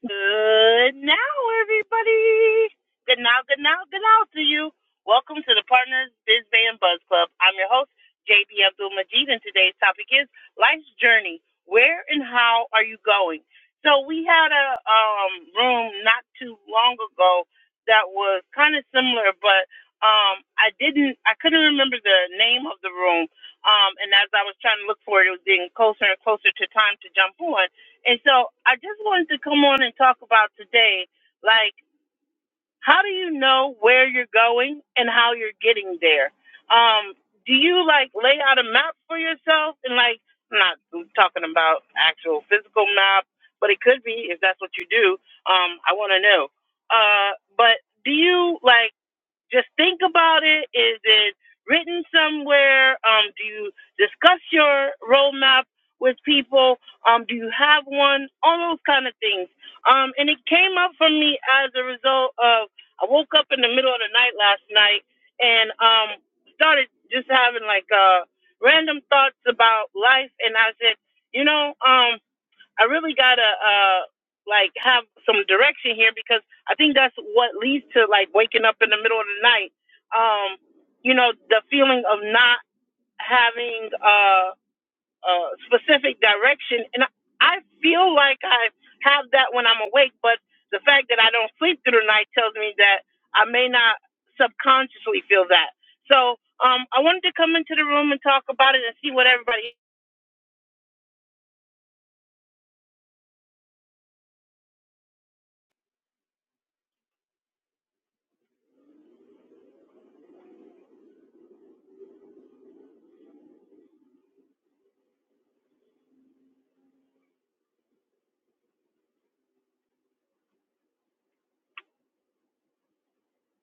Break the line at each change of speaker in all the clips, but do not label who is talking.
Good now, everybody. Good now, good now, good now to you. Welcome to the Partners Biz Band Buzz Club. I'm your host, JB Abdul Majid, and today's topic is Life's Journey. Where and how are you going? So we had a um, room not too long ago that was kind of similar, but um, I didn't, I couldn't remember the name of the room. Um, and as I was trying to look for it, it was getting closer and closer to time to jump on and so I just wanted to come on and talk about today, like how do you know where you're going and how you're getting there? Um, do you like lay out a map for yourself and like I'm not talking about actual physical map, but it could be if that's what you do. Um, I want to know. Uh, but do you like? just think about it. Is it written somewhere? Um, do you discuss your roadmap with people? Um, do you have one? All those kind of things. Um, and it came up for me as a result of I woke up in the middle of the night last night and um started just having like uh random thoughts about life and I said, you know, um I really gotta uh like have some direction here because I think that's what leads to like waking up in the middle of the night. Um, you know, the feeling of not having uh a specific direction and I I feel like I have that when I'm awake, but the fact that I don't sleep through the night tells me that I may not subconsciously feel that. So um, I wanted to come into the room and talk about it and see what everybody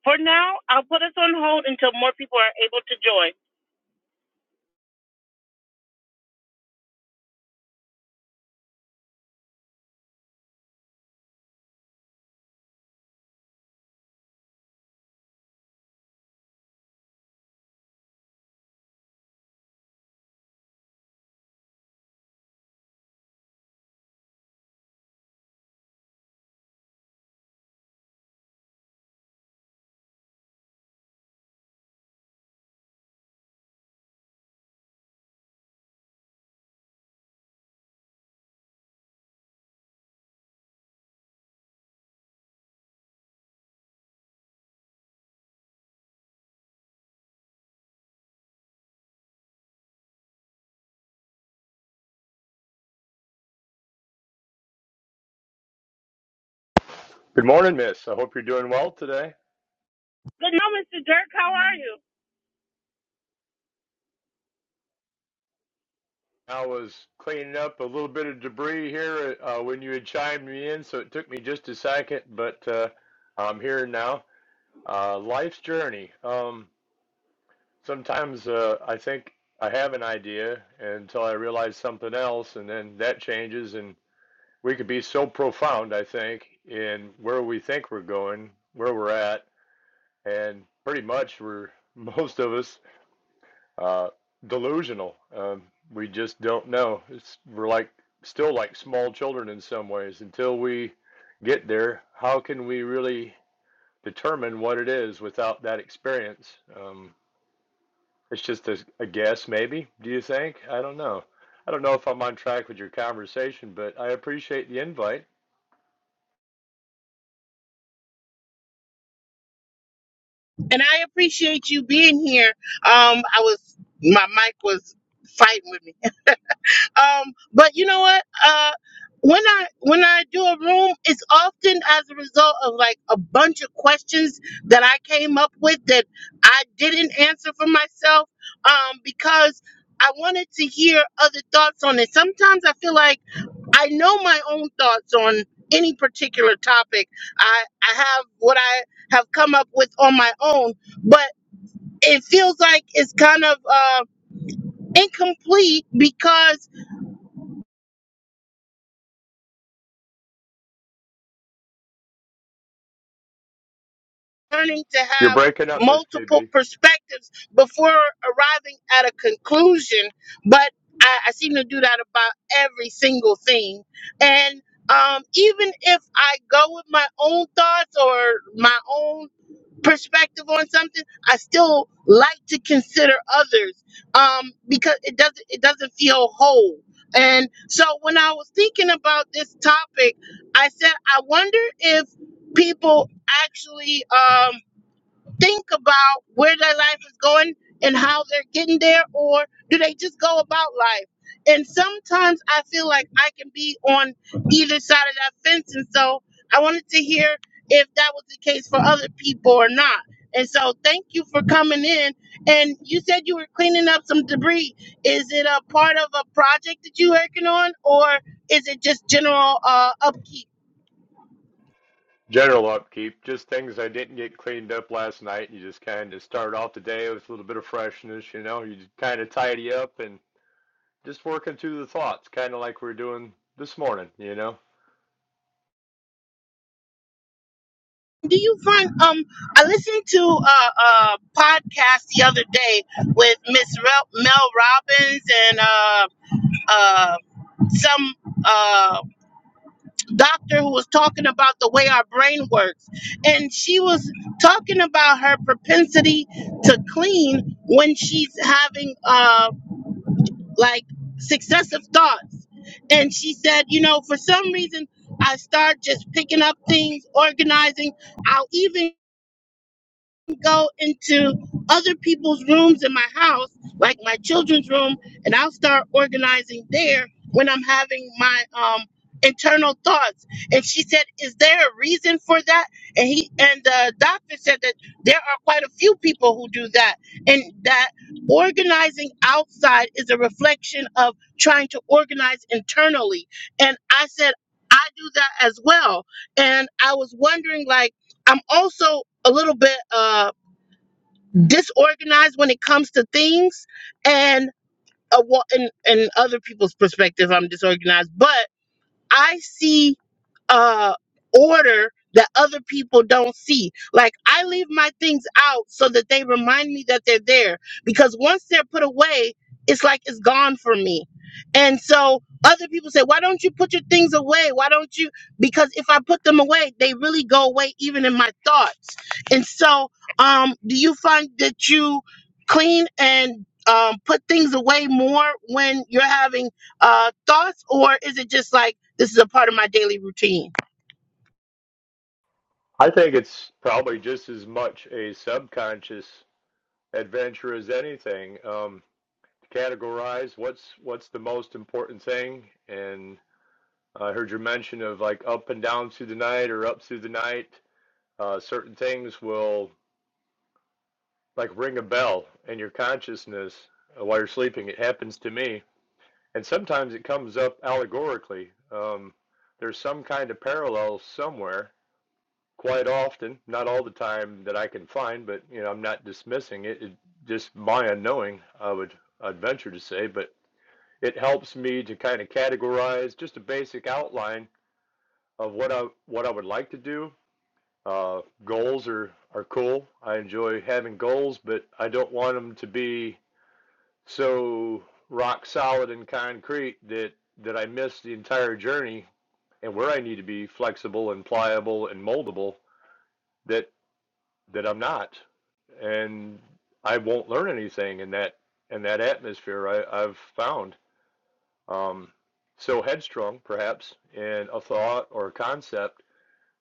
For now, I'll put us on hold until more people are able to join.
Good morning, Miss. I hope you're doing well today.
Good now, Mr. Dirk. How are you?
I was cleaning up a little bit of debris here uh, when you had chimed me in, so it took me just a second, but uh, I'm here now. Uh, life's journey. Um, sometimes uh, I think I have an idea until I realize something else, and then that changes. And we could be so profound, I think, in where we think we're going, where we're at, and pretty much we're most of us uh, delusional. Um, we just don't know. It's we're like still like small children in some ways. Until we get there, how can we really determine what it is without that experience? Um, it's just a, a guess, maybe. Do you think? I don't know. I don't know if I'm on track with your conversation, but I appreciate the invite.
And I appreciate you being here. Um, I was my mic was fighting with me. Um, but you know what? Uh, when I when I do a room, it's often as a result of like a bunch of questions that I came up with that I didn't answer for myself. Um, because I wanted to hear other thoughts on it. Sometimes I feel like I know my own thoughts on any particular topic. I, I have what I have come up with on my own, but it feels like it's kind of uh, incomplete because learning to
You're
have
breaking up, Miss
multiple
JB.
perspectives before arriving at a conclusion. But I, I seem to do that about every single thing. And um, even if I go with my own thoughts or my own perspective on something, I still like to consider others um, because it doesn't it doesn't feel whole. And so when I was thinking about this topic, I said I wonder if people actually um, think about where their life is going and how they're getting there, or do they just go about life? And sometimes I feel like I can be on either side of that fence. And so I wanted to hear if that was the case for other people or not. And so thank you for coming in. And you said you were cleaning up some debris. Is it a part of a project that you're working on, or is it just general uh, upkeep?
General upkeep, just things I didn't get cleaned up last night. You just kind of start off the day with a little bit of freshness, you know, you just kind of tidy up and just working through the thoughts, kind of like we're doing this morning, you know.
do you find um I listened to a, a podcast the other day with Miss Rel- Mel Robbins and uh uh some uh doctor who was talking about the way our brain works and she was talking about her propensity to clean when she's having uh like successive thoughts and she said you know for some reason I start just picking up things organizing I'll even would go into other people's rooms in my house, like my children's room, and I'll start organizing there when I'm having my um internal thoughts. And she said, "Is there a reason for that?" And he and the doctor said that there are quite a few people who do that, and that organizing outside is a reflection of trying to organize internally. And I said, I do that as well. And I was wondering, like, I'm also a little bit. uh disorganized when it comes to things and a, wa- in, in other people's perspective i'm disorganized but i see uh order that other people don't see. Like I leave my things out so that they remind me that they're there because once they're put away, it's like it's gone from me. And so other people say, "Why don't you put your things away? Why don't you?" Because if I put them away, they really go away even in my thoughts. And so um do you find that you clean and um, put things away more when you're having uh, thoughts, or is it just like this is a part of my daily routine?
I think it's probably just as much a subconscious adventure as anything. Um, to categorize what's what's the most important thing, and I heard your mention of like up and down through the night or up through the night. Uh, certain things will like ring a bell in your consciousness uh, while you're sleeping. It happens to me, and sometimes it comes up allegorically. Um, there's some kind of parallel somewhere. Quite often, not all the time that I can find, but you know, I'm not dismissing it. it just my unknowing, I would I'd venture to say, but it helps me to kind of categorize just a basic outline of what I what I would like to do. Uh, goals are are cool. I enjoy having goals, but I don't want them to be So rock solid and concrete that that I missed the entire journey and where I need to be flexible and pliable and moldable that that I'm not and I won't learn anything in that in that atmosphere I, I've found um, so headstrong perhaps in a thought or a concept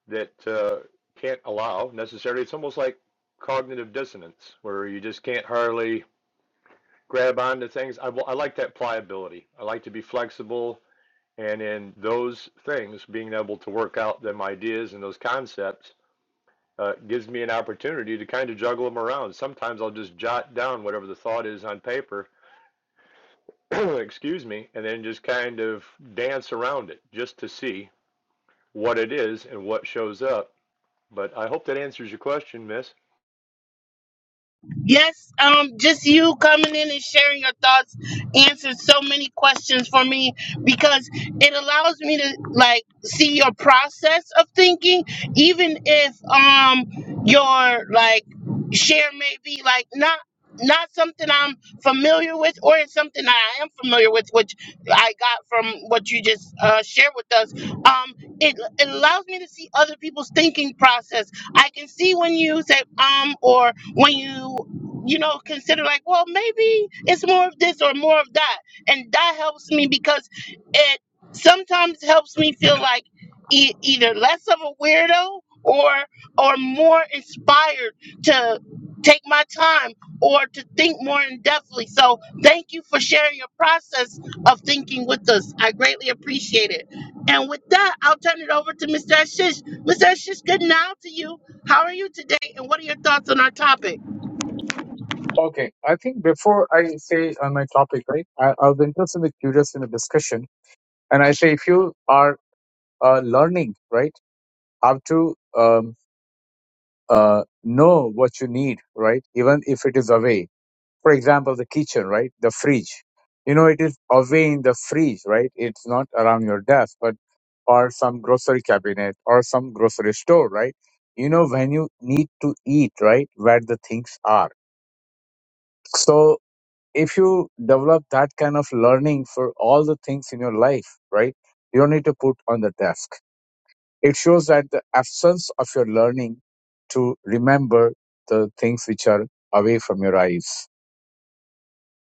that uh, can't allow necessarily it's almost like cognitive dissonance where you just can't hardly grab onto things. I, I like that pliability. I like to be flexible. And in those things, being able to work out them ideas and those concepts uh, gives me an opportunity to kind of juggle them around. Sometimes I'll just jot down whatever the thought is on paper, excuse me, and then just kind of dance around it just to see what it is and what shows up. But I hope that answers your question, Miss.
Yes, um, just you coming in and sharing your thoughts answered so many questions for me because it allows me to like see your process of thinking, even if um your like share may be like not not something I'm familiar with or it's something that I am familiar with, which I got from what you just uh, shared with us. Um, it, it allows me to see other people's thinking process. I can see when you say um or when you you know, consider like, well, maybe it's more of this or more of that. And that helps me because it sometimes helps me feel like e- either less of a weirdo or or more inspired to take my time or to think more in depthly. So thank you for sharing your process of thinking with us. I greatly appreciate it. And with that, I'll turn it over to Mr. Ashish. Mr. Ashish, good now to you. How are you today? And what are your thoughts on our topic?
Okay, I think before I say on my topic, right, I, I was interested and curious in the discussion, and I say if you are uh, learning, right, how to um, uh, know what you need, right, even if it is away. For example, the kitchen, right, the fridge. You know, it is away in the fridge, right? It's not around your desk, but or some grocery cabinet or some grocery store, right? You know when you need to eat, right, where the things are. So. if you develop that kind of learning for all the things in your life, right? You don't need to put on the desk. It shows that the absence of your learning to remember the things which are away from your eyes.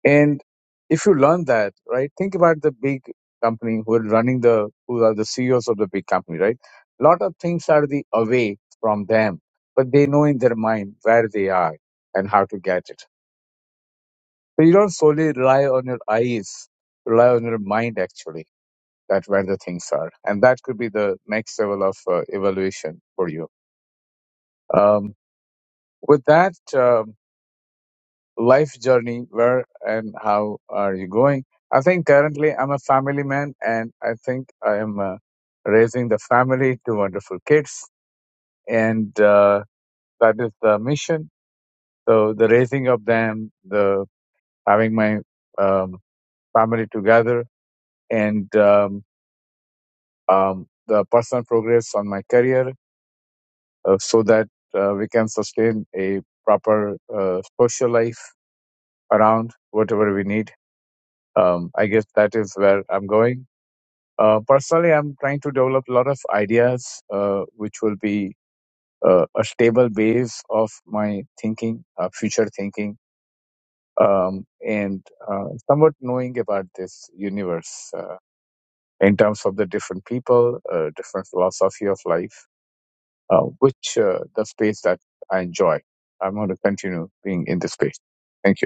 And if you learn that, right, think about the big company who are running the, who are the CEOs of the big company, right? A lot of things are the away from them, but they know in their mind where they are and how to get it So you don't solely rely on your eyes, rely on your mind actually. That where the things are, and that could be the next level of uh, evaluation for you. Um, with that um, life journey, where and how are you going? I think currently I'm a family man, and I think I am uh, raising the family, two wonderful kids, and uh, that is the mission. So the raising of them, the having my um, family together, and um, um, the personal progress on my career uh, so that uh, we can sustain a proper uh, social life around whatever we need. Um, I guess that is where I'm going. Uh, personally, I'm trying to develop a lot of ideas uh, which will be uh, a stable base of my thinking, uh, future thinking, um, and uh, somewhat knowing about this universe uh, in terms of the different people, uh, different philosophy of life uh, which uh, the space that I enjoy. I'm going to continue being in this space. Thank you.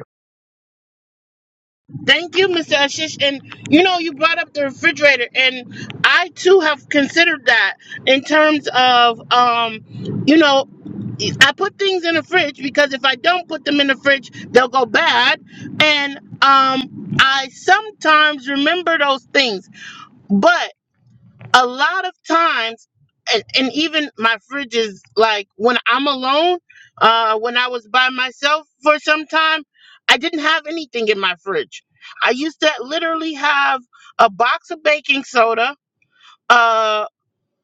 Thank you, Mr. Ashish. And you know, you brought up the refrigerator, and I too have considered that in terms of, um, you know, I put things in the fridge because if I don't put them in the fridge, they'll go bad. And um, I sometimes remember those things, but a lot of times and, and even my fridge is like when i'm alone uh when i was by myself for some time i didn't have anything in my fridge i used to literally have a box of baking soda uh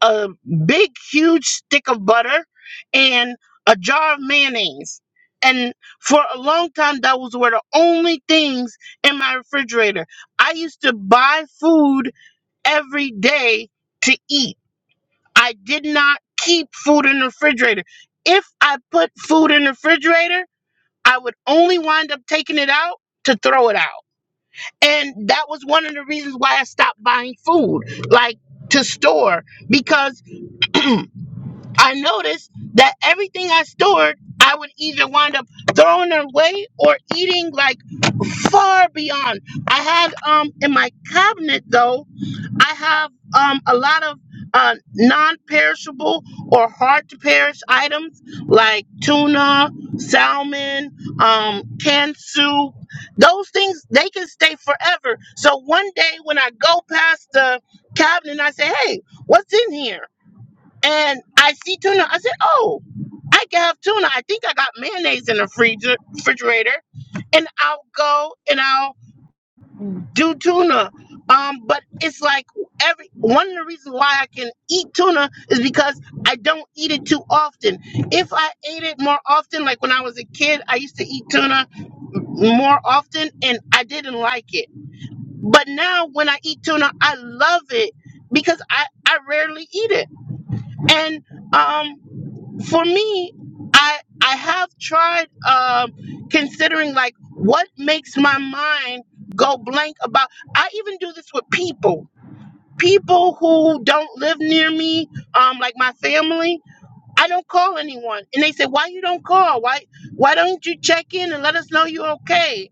a big huge stick of butter and a jar of mayonnaise and for a long time that was were the only things in my refrigerator i used to buy food every day to eat I did not keep food in the refrigerator. If I put food in the refrigerator, I would only wind up taking it out to throw it out. And that was one of the reasons why I stopped buying food, like to store, because I noticed that everything I stored, I would either wind up throwing it away or eating like far beyond. I had um in my cabinet though I have um, a lot of uh, non-perishable or hard-to-perish items like tuna, salmon, um, canned soup. Those things they can stay forever. So one day when I go past the cabinet, I say, "Hey, what's in here?" And I see tuna. I said, "Oh." I can have tuna. I think I got mayonnaise in the freezer, refrigerator, and I'll go and I'll do tuna. Um, but it's like every one of the reasons why I can eat tuna is because I don't eat it too often. If I ate it more often, like when I was a kid, I used to eat tuna more often and I didn't like it. But now when I eat tuna, I love it because I, I rarely eat it. And um for me, I I have tried um, considering like what makes my mind go blank about. I even do this with people, people who don't live near me, um, like my family. I don't call anyone, and they say, "Why you don't call? Why why don't you check in and let us know you're okay?"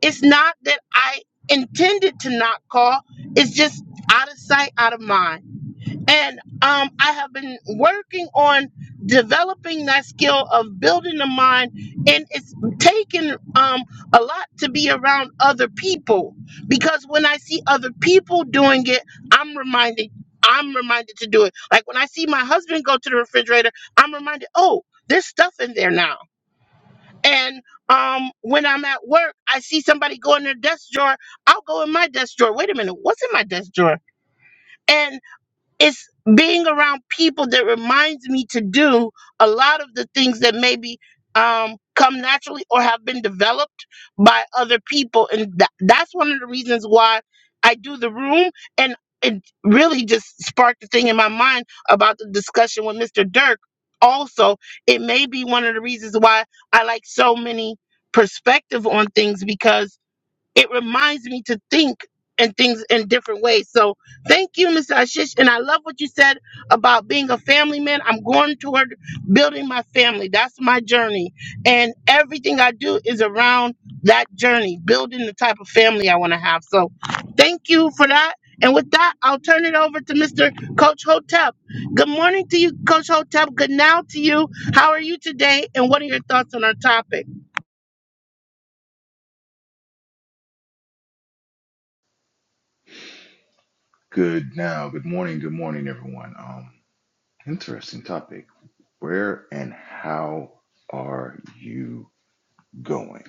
It's not that I intended to not call. It's just out of sight, out of mind. And um, I have been working on developing that skill of building the mind, and it's taken um, a lot to be around other people because when I see other people doing it, I'm reminded I'm reminded to do it. Like when I see my husband go to the refrigerator, I'm reminded, oh, there's stuff in there now. And um, when I'm at work, I see somebody go in their desk drawer. I'll go in my desk drawer. Wait a minute, what's in my desk drawer? And it's being around people that reminds me to do a lot of the things that maybe um, come naturally or have been developed by other people. And tha- that's one of the reasons why I do the room. And it really just sparked the thing in my mind about the discussion with Mr. Dirk. Also, it may be one of the reasons why I like so many perspective on things because it reminds me to think and things in different ways. So thank you, Mr. Ashish. And I love what you said about being a family man. I'm going toward building my family. That's my journey. And everything I do is around that journey, building the type of family I want to have. So thank you for that. And with that, I'll turn it over to Mr. Coach Hotep. Good morning to you, Coach Hotep. Good now to you. How are you today? And what are your thoughts on our topic?
Good now. Good morning. Good morning, everyone. Um, interesting topic. Where and how are you going?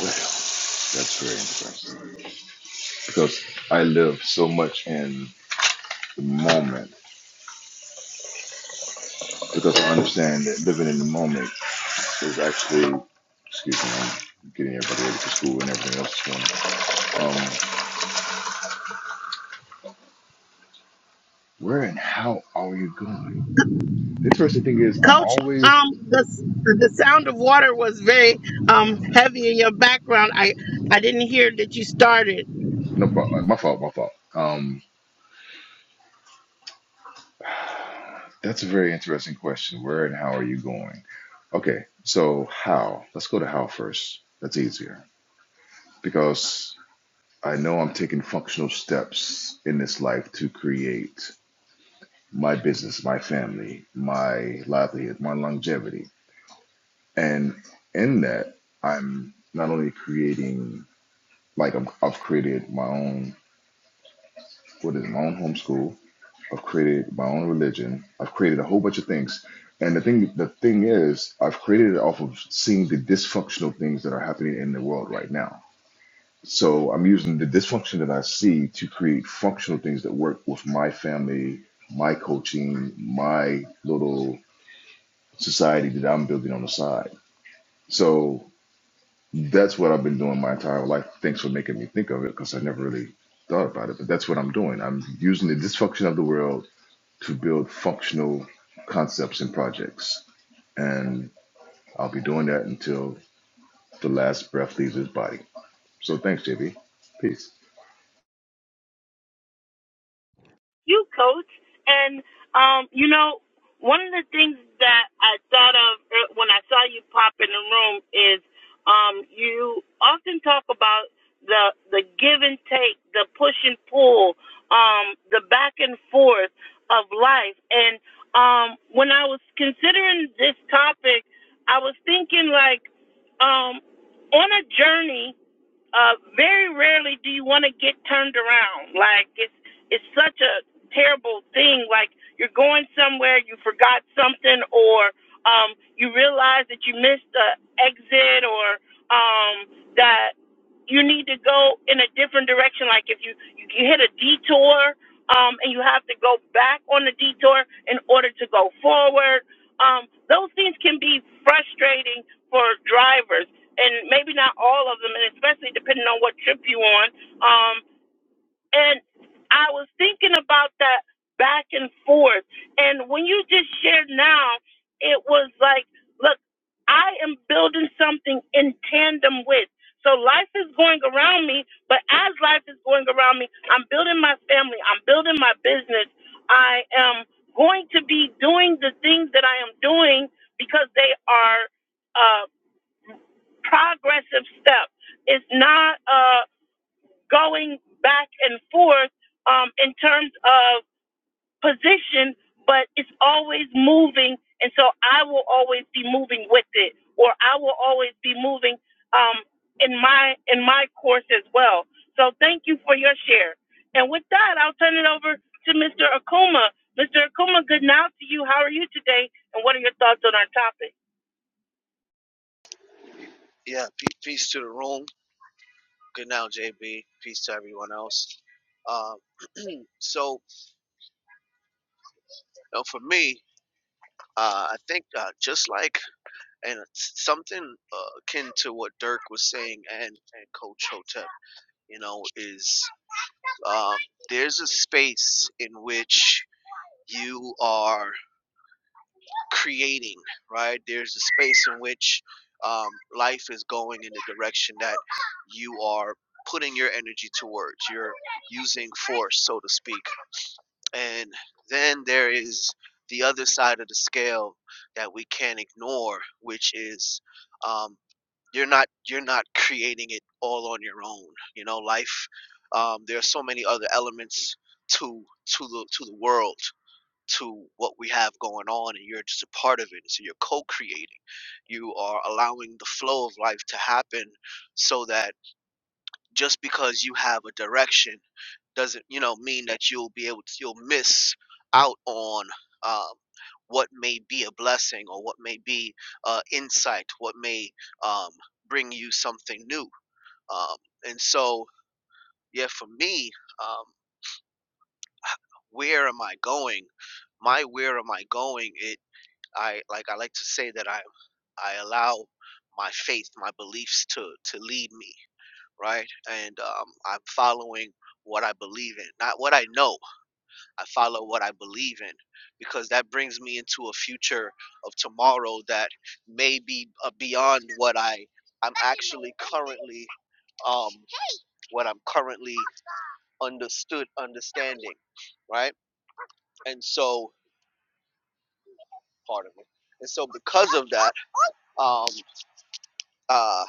Well, that's very interesting because I live so much in the moment because I understand that living in the moment is actually, excuse me, I'm getting everybody ready for school and everything else is going on. Um, where and how are you going? The interesting thing is, I'm
Coach,
always,
um, the the sound of water was very um heavy in your background. I I didn't hear that you started.
no, my fault, my fault. Um. That's a very interesting question. Where and how are you going? Okay, so how? Let's go to how first. That's easier because I know I'm taking functional steps in this life to create my business, my family, my livelihood, my longevity. And in that, I'm not only creating, like, I'm, I've created my own, what is it, my own homeschool. I've created my own religion. I've created a whole bunch of things. And the thing the thing is, I've created it off of seeing the dysfunctional things that are happening in the world right now. So I'm using the dysfunction that I see to create functional things that work with my family, my coaching, my little society that I'm building on the side. So that's what I've been doing my entire life. Thanks for making me think of it because I never really thought about it. But that's what I'm doing. I'm using the dysfunction of the world to build functional concepts and projects. And I'll be doing that until the last breath leaves his body. So thanks, JB. Peace.
you, coach. And um, you know, one of the things that I thought of er- when I saw you pop in the room is um, you often talk about the the give and take, the push and pull, um, the back and forth of life. And um, when I was considering this topic, I was thinking like um, on a journey uh, very rarely do you want to get turned around. Like it's it's such a terrible thing. Like you're going somewhere, you forgot something, or um, you realize that you missed a exit, or um, that you need to go in a different direction. Like if you you, you hit a detour. Um, and you have to go back on the detour in order to go forward. Um, those things can be frustrating for drivers and maybe not all of them, and especially depending on what trip you on. Um, and I was thinking about that back and forth, and when you just shared now, it was like, look, I am building something in tandem with. So life is going around me, but as life is going around me, I'm building my family, I'm building my business, I am going to be doing the things that I am doing because they are. uh, progressive step. It's not uh, going back and forth um, in terms of position, but it's always moving. And so I will always be moving with it, or I will always be moving um, in my in my course as well. So thank you for your share. And with that, I'll turn it over to Mr. Akuma. Mr. Akuma, good night to you. How are you today? And what are your thoughts on our topic?
Yeah, peace, peace to the room. Good now, JB. Peace to everyone else. Uh, so uh, for me, uh, I think uh, just like and it's something uh, akin to what Dirk was saying and, and Coach Hotep, you know, is um, there's a space in which you are creating, right? There's a space in which um, life is going in the direction that you are putting your energy towards. You're using force, so to speak And then there is the other side of the scale that we can't ignore, which is um, you're not you're not creating it all on your own. You know, life. Um, there are so many other elements to to the to the world, to what we have going on, and you're just a part of it. So you're co-creating. You are allowing the flow of life to happen, so that just because you have a direction doesn't you know mean that you'll be able to you'll miss out on um, what may be a blessing or what may be uh, insight what may um, bring you something new um, and so yeah for me um, where am i going my where am i going it i like i like to say that i i allow my faith my beliefs to to lead me right? And um, I'm following what I believe in, not what I know. I follow what I believe in because that brings me into a future of tomorrow that may be uh, beyond what I I'm actually currently um, what I'm currently understood understanding, right? And so, pardon me. And so, because of that, um, uh,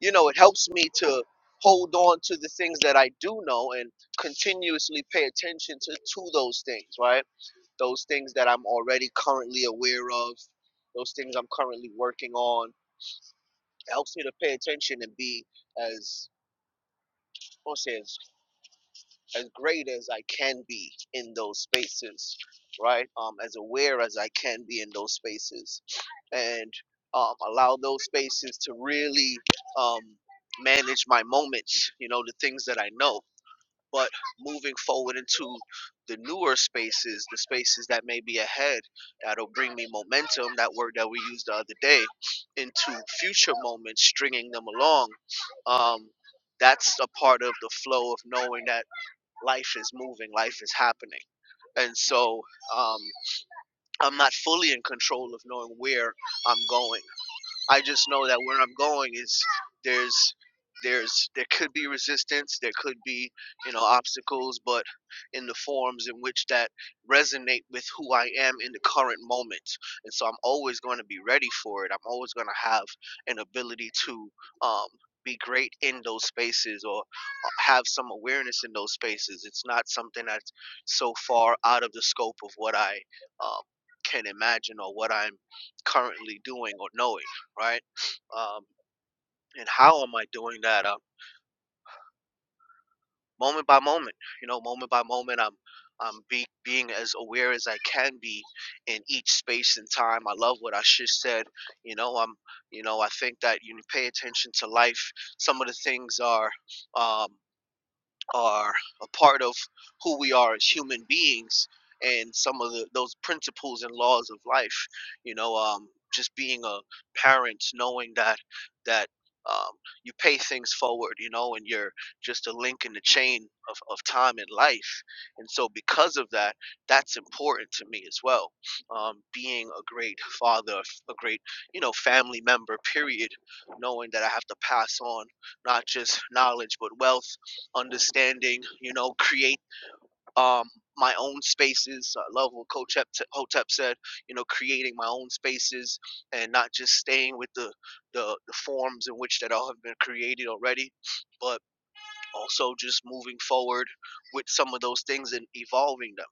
you know, it helps me to hold on to the things that I do know and continuously pay attention to, to those things, right? Those things that I'm already currently aware of, those things I'm currently working on. It helps me to pay attention and be as, I won't say as as great as I can be in those spaces, right? Um, as aware as I can be in those spaces, and um, allow those spaces to really um, manage my moments, you know, the things that I know. But moving forward into the newer spaces, the spaces that may be ahead, that'll bring me momentum, that word that we used the other day, into future moments, stringing them along. Um, that's a part of the flow of knowing that life is moving, life is happening. And so um, I'm not fully in control of knowing where I'm going. I just know that where I'm going is there's there's there could be resistance, there could be you know obstacles, but in the forms in which that resonate with who I am in the current moment, and so I'm always going to be ready for it. I'm always going to have an ability to um, be great in those spaces or uh, have some awareness in those spaces. It's not something that's so far out of the scope of what I um, can imagine or what I'm currently doing or knowing right? Um, and how am I doing that? Uh, moment by moment, you know, moment by moment, I'm I'm be, being as aware as I can be in each space and time. I love what I just said. You know, I'm, you know, I think that you pay attention to life. Some of the things are, um, are a part of who we are as human beings and some of the, those principles and laws of life you know um, just being a parent knowing that that um, you pay things forward you know and you're just a link in the chain of, of time and life and so because of that that's important to me as well um, being a great father a great you know family member period knowing that i have to pass on not just knowledge but wealth understanding, you know, create um, my own spaces. I love what Coach Hep- Hotep said, you know, creating my own spaces and not just staying with the, the, the forms in which that all have been created already, but also just moving forward with some of those things and evolving them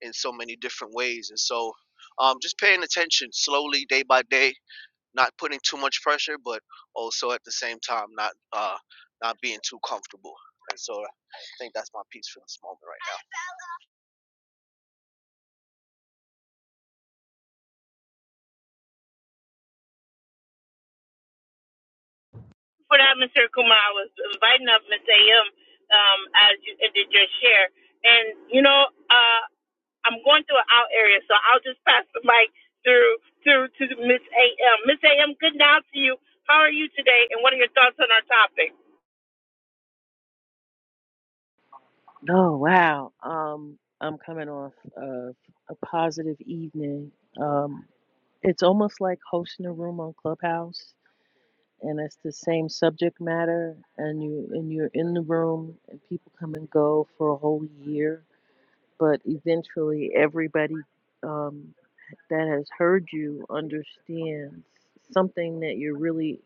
in so many different ways. And so um, just paying attention slowly, day by day, not putting too much pressure, but also at the same time not uh not being too comfortable. And so I think that's my piece for this moment right
for that, Mr. Kumar. I was inviting up Miss A.M. Um, as you did your share, and you know, uh, I'm going through an out area, so I'll just pass the mic through through to Miss A.M. Miss A.M. Good now to you. How are you today? And what are your thoughts on our topic?
Oh wow. Um I'm coming off of a positive evening. Um it's almost like hosting a room on Clubhouse and it's the same subject matter and you and you're in the room and people come and go for a whole year, but eventually everybody um that has heard you understands something that you're really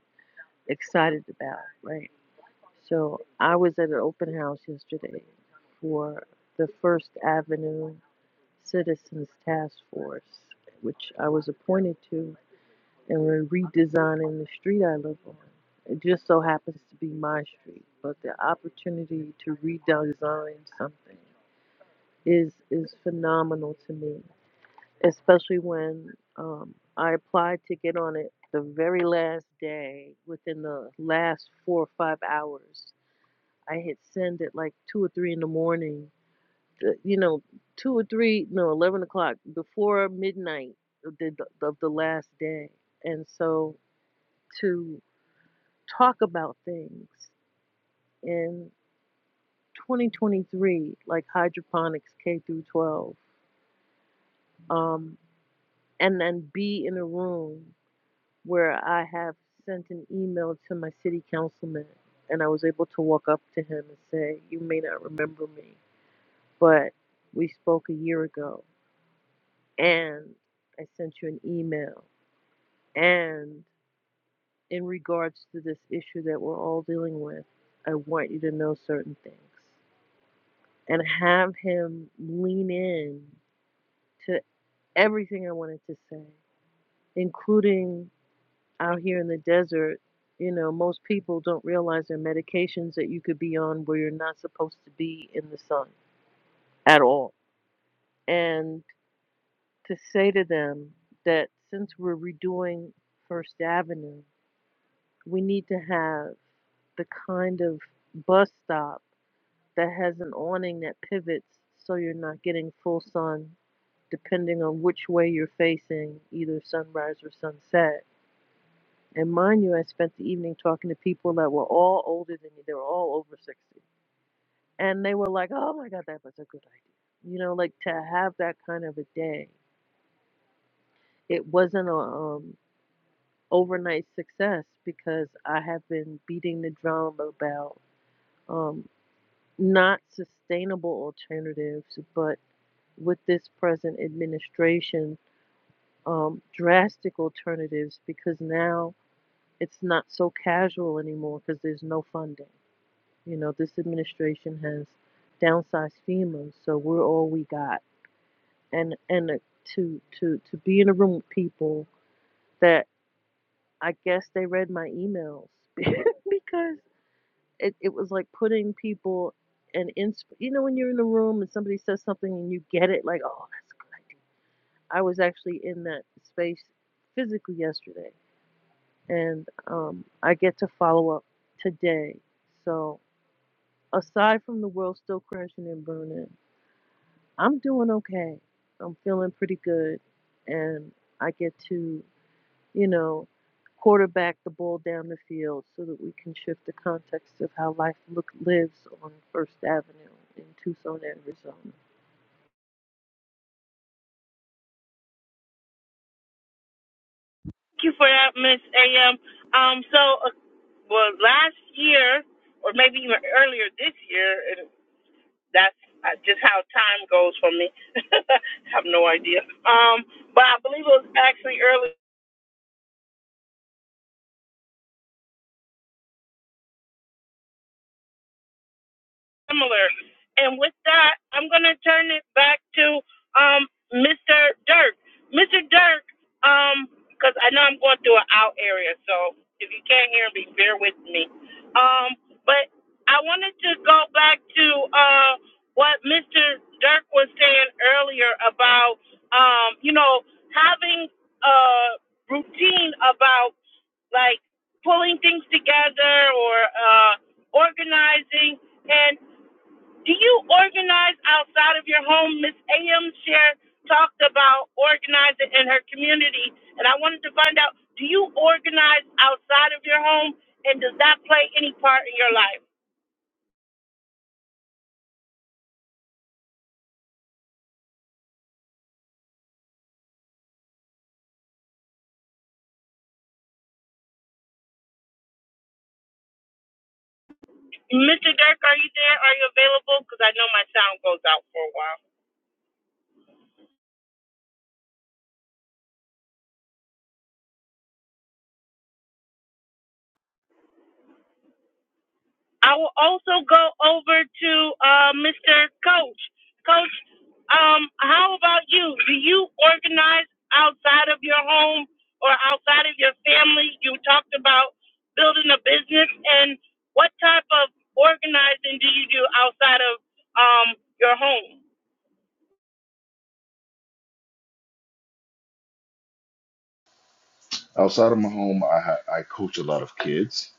excited about, right? So I was at an open house yesterday for the First Avenue Citizens Task Force, which I was appointed to, and we're redesigning the street I live on. It just so happens to be my street, but the opportunity to redesign something is is phenomenal to me, especially when um, I applied to get on it the very last day. Within the last four or five hours, I had sent it like two or three in the morning the- you know, two or three, no, eleven o'clock before midnight of the, of the last day, and so to talk about things in 2023, like hydroponics K through 12, um, and then be in a room where I have sent an email to my city councilman, and I was able to walk up to him and say, "You may not remember me, but we spoke a year ago, and I sent you an email." And in regards to this issue that we're all dealing with, I want you to know certain things and have him lean in to everything I wanted to say, including out here in the desert. You know, most people don't realize there are medications that you could be on where you're not supposed to be in the sun at all. And to say to them that since we're redoing First Avenue, we need to have the kind of bus stop that has an awning that pivots so you're not getting full sun depending on which way you're facing, either sunrise or sunset. And mind you, I spent the evening talking to people that were all older than me. They were all over 60. And they were like, oh my God, that was a good idea. You know, like to have that kind of a day. It wasn't a um, overnight success because I have been beating the drum about um, not sustainable alternatives, but with this present administration um, drastic alternatives because now it's not so casual anymore because there's no funding. You know, this administration has downsized FEMA, so we're all we got. And and uh, to to to be in a room with people that I guess they read my emails because it, it was like putting people and in you know when you're in a room and somebody says something and you get it like oh that's a good idea I was actually in that space physically yesterday, and um, I get to follow up today. So, aside from the world still crashing and burning, I'm doing okay. I'm feeling pretty good, and I get to, you know, quarterback the ball down the field so that we can shift the context of how life look, lives on First Avenue in Tucson, Arizona.
Thank you for that, Miss A.M. Um, so, uh, well, last year, or maybe even earlier this year, and that's uh, just how time goes for me. I have no idea. Um, but I believe it was actually early. similar. And with that, I'm going to turn it back to um, Mr. Dirk. Mr. Dirk, because um, I know I'm going through an out area, so if you can't hear me, bear with me. Um, but I wanted to go back to uh, what Mr. Dirk was saying earlier about, um, you know, having a routine about like pulling things together or uh, organizing. And do you organize outside of your home? Miss A.M. Share talked about organizing in her community, and I wanted to find out do you organize outside of your home, and does that play any part in your life? Mr. Dirk, are you there? Are you available? Because I know my sound goes out for a while. I will also go over to uh, Mr. Coach. Coach, um, how about you? Do you organize outside of your home or outside of your family? You talked about building a business, and what type of organizing do you do outside of um, your home?
Outside of my home, I, ha- I coach a lot of kids.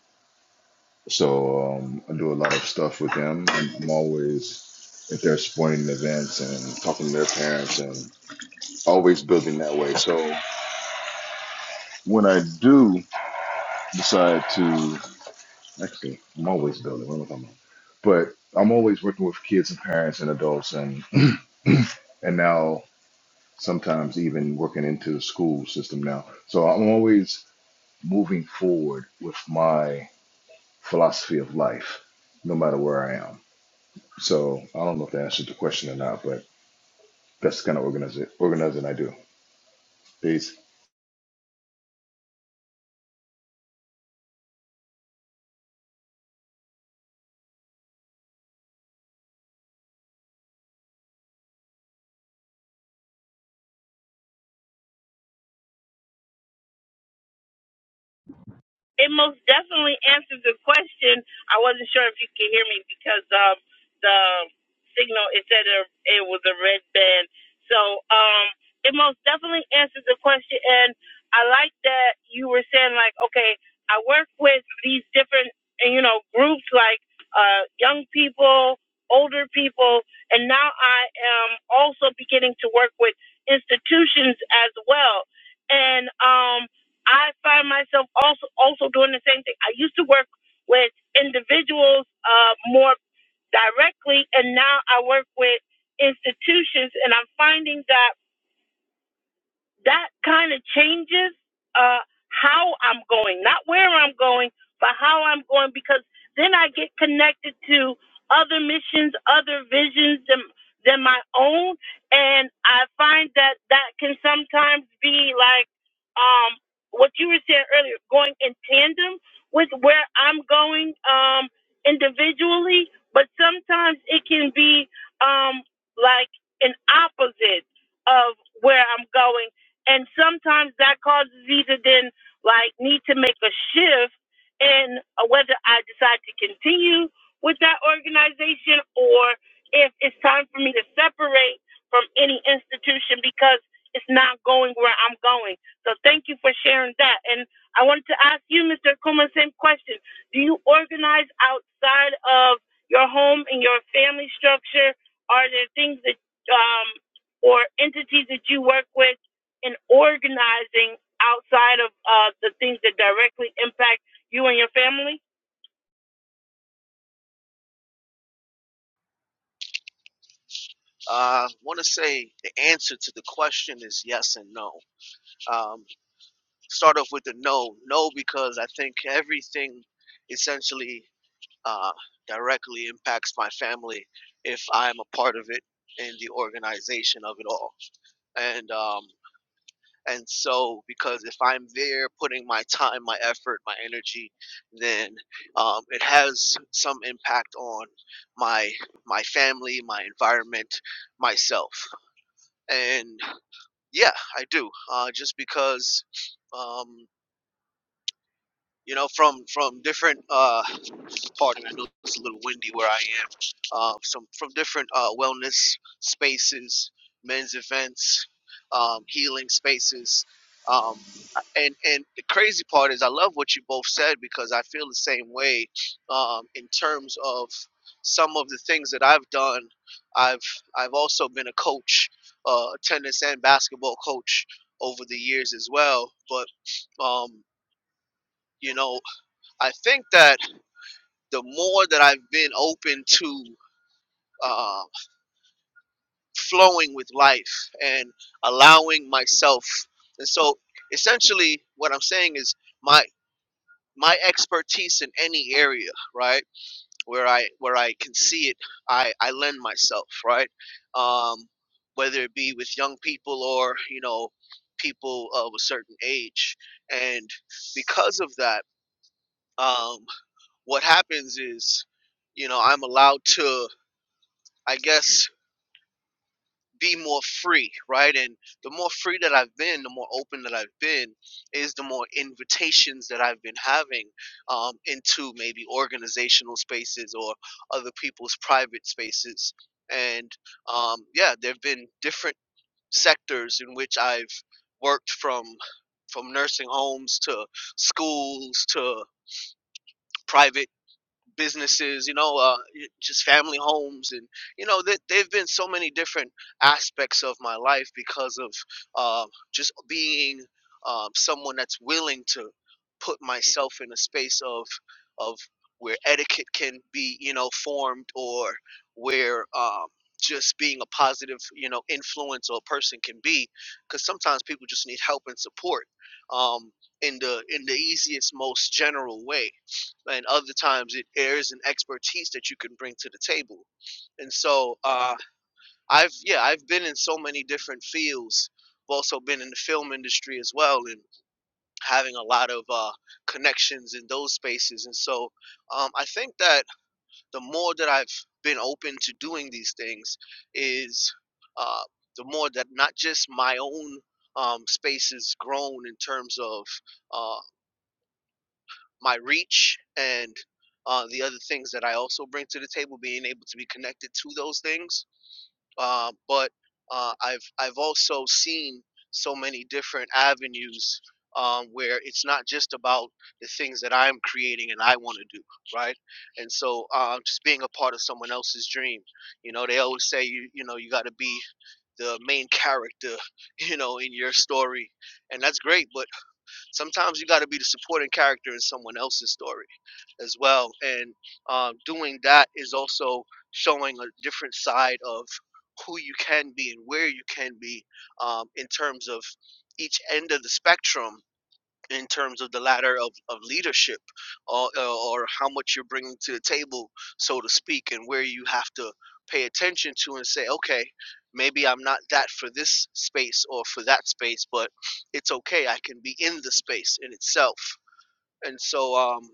So um, I do a lot of stuff with them. I'm I'm always at their sporting events and talking to their parents and always building that way. So when I do decide to, actually, I'm always building. What am I talking about? But I'm always working with kids and parents and adults and and now sometimes even working into the school system now. So I'm always moving forward with my philosophy of life, no matter where I am. So I don't know if that answers the question or not, but that's the kind of organizing, organizing I do. Peace.
it most definitely answers the question. I wasn't sure if you could hear me because um, the signal it said it, it was a red band. So um, it most definitely answers the question, and I like that you were saying like, okay, I work with these different you know groups like uh, young people, older people, and now I am also beginning to work with institutions as well, and um. I find myself also also doing the same thing. I used to work with individuals uh, more directly, and now I work with institutions, and I'm finding that that kind of changes uh, how I'm going, not where I'm going, but how I'm going, because then I get connected to other missions, other visions than, than my own. And I find that that can sometimes be like um, what you were saying earlier, going in tandem with where I'm going um, individually, but sometimes it can be um, like an opposite of where I'm going and sometimes that causes either then like need to make a shift in uh, whether I decide to continue with that organization or if it's time for me to separate from any institution because it's not going where I'm going. So thank you for sharing that. And I wanted to ask you, Mr. Kuma, same question. Do you organize outside of your home and your family structure? Are there things that um, or entities that you work with? in organizing outside of uh, the things that directly impact you and your family?
now. Uh, I want to say the answer to the question is yes and no. Um, start off with the no. No, because I think everything essentially uh, directly impacts my family if I'm a part of it in the organization of it all. And um, And so, because if I'm there putting my time, my effort, my energy, then um, it has some impact on my my family, my environment, myself. And yeah, I do. Uh, just because um, you know, from from different uh pardon, I know it's a little windy where I am. Uh, some from different uh wellness spaces, men's events, um, healing spaces. Um, and and the crazy part is I love what you both said because I feel the same way um, in terms of some of the things that I've done. I've I've also been a coach, uh, tennis and basketball coach over the years as well. But um, you know I think that the more that I've been open to uh, flowing with life and allowing myself, and so essentially what I'm saying is my my expertise in any area, right, where I where I can see it, I I lend myself, right, um, whether it be with young people or you know people of a certain age, and because of that, um, what happens is you know i'm allowed to I guess, be more free, right? And the more free that I've been, the more open that I've been, is the more invitations that I've been having um, into maybe organizational spaces or other people's private spaces. And um, yeah, there have been different sectors in which I've worked from from nursing homes to schools to private businesses, you know, uh, just family homes, and you know, there there've been so many different aspects of my life because of uh, just being um, someone that's willing to put myself in a space of of where etiquette can be, you know, formed, or where um, just being a positive, you know, influence or person can be, because sometimes people just need help and support um, in the in the easiest, most general way and other times it airs an expertise that you can bring to the table and so uh i've yeah i've been in so many different fields i've also been in the film industry as well and having a lot of uh connections in those spaces and so um i think that the more that i've been open to doing these things is uh the more that not just my own um, space has grown in terms of uh, my reach and uh, the other things that I also bring to the table, being able to be connected to those things. Uh, but uh, I've I've also seen so many different avenues um, where it's not just about the things that I'm creating and I want to do, right? And so uh, just being a part of someone else's dream, you know, they always say you you know you got to be the main character, you know, in your story, and that's great. But sometimes you got to be the supporting character in someone else's story as well. And um, doing that is also showing a different side of who you can be and where you can be um, in terms of each end of the spectrum in terms of the ladder of, of leadership or, or how much you're bringing to the table, so to speak, and where you have to pay attention to and say, okay, maybe I'm not that for this space or for that space, but it's okay. I can be in the space in itself. And so, um,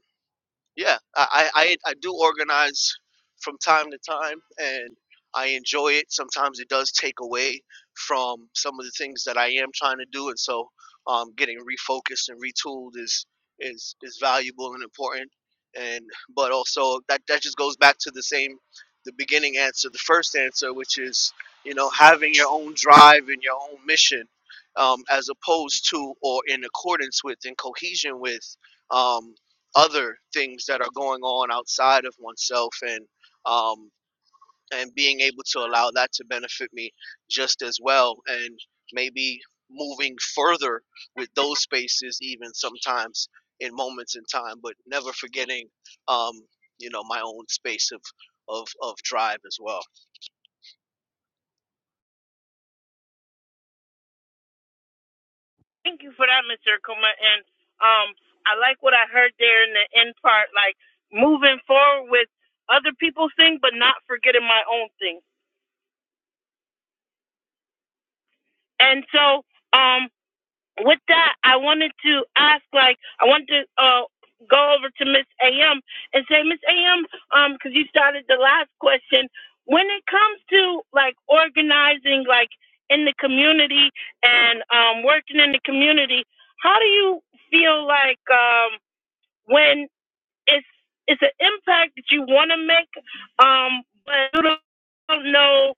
yeah, I, I, I do organize from time to time and I enjoy it. Sometimes it does take away from some of the things that I am trying to do. And so um, getting refocused and retooled is, is, is valuable and important. And, but also that, that just goes back to the same, the beginning answer, the first answer, which is, you know, having your own drive and your own mission um, as opposed to, or in accordance with, and cohesion with, Um, other things that are going on outside of oneself and um, and being able to allow that to benefit me just as well and maybe moving further with those spaces even sometimes in moments in time but never forgetting um, you know my own space of of, of drive as well
Thank you for that, Mr. Akuma. And um, I like what I heard there in the end part, like moving forward with other people's thing, but not forgetting my own thing. And so, um, with that, I wanted to ask, like, I wanted to uh, go over to Miss AM and say, Miss AM, um, because you started the last question. When it comes to like organizing, like in the community and um, working in the community, how do you feel like um, when it's it's an impact that you want to make, um, but you don't don't know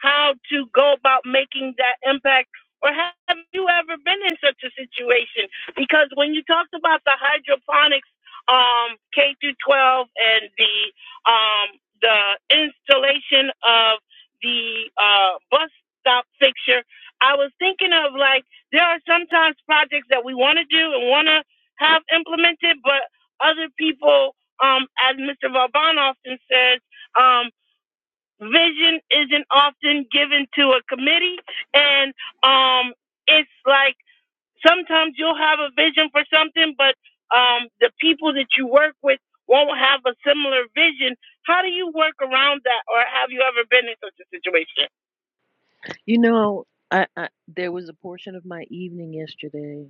how to go about making that impact. Or have you ever been in such a situation? Because when you talked about the hydroponics, um, K through 12, and the um, the installation of the uh, bus stop fixture, I was thinking of like there are sometimes projects that we want to do and want to have implemented, but other people, um, as Mr. Vauban often says, um, vision isn't often given to a committee. And um, it's like sometimes you'll have a vision for something, but um, the people that you work with won't have a similar vision. How do you work around that, or have you ever been in such a situation?
You know, I, I there was a portion of my evening yesterday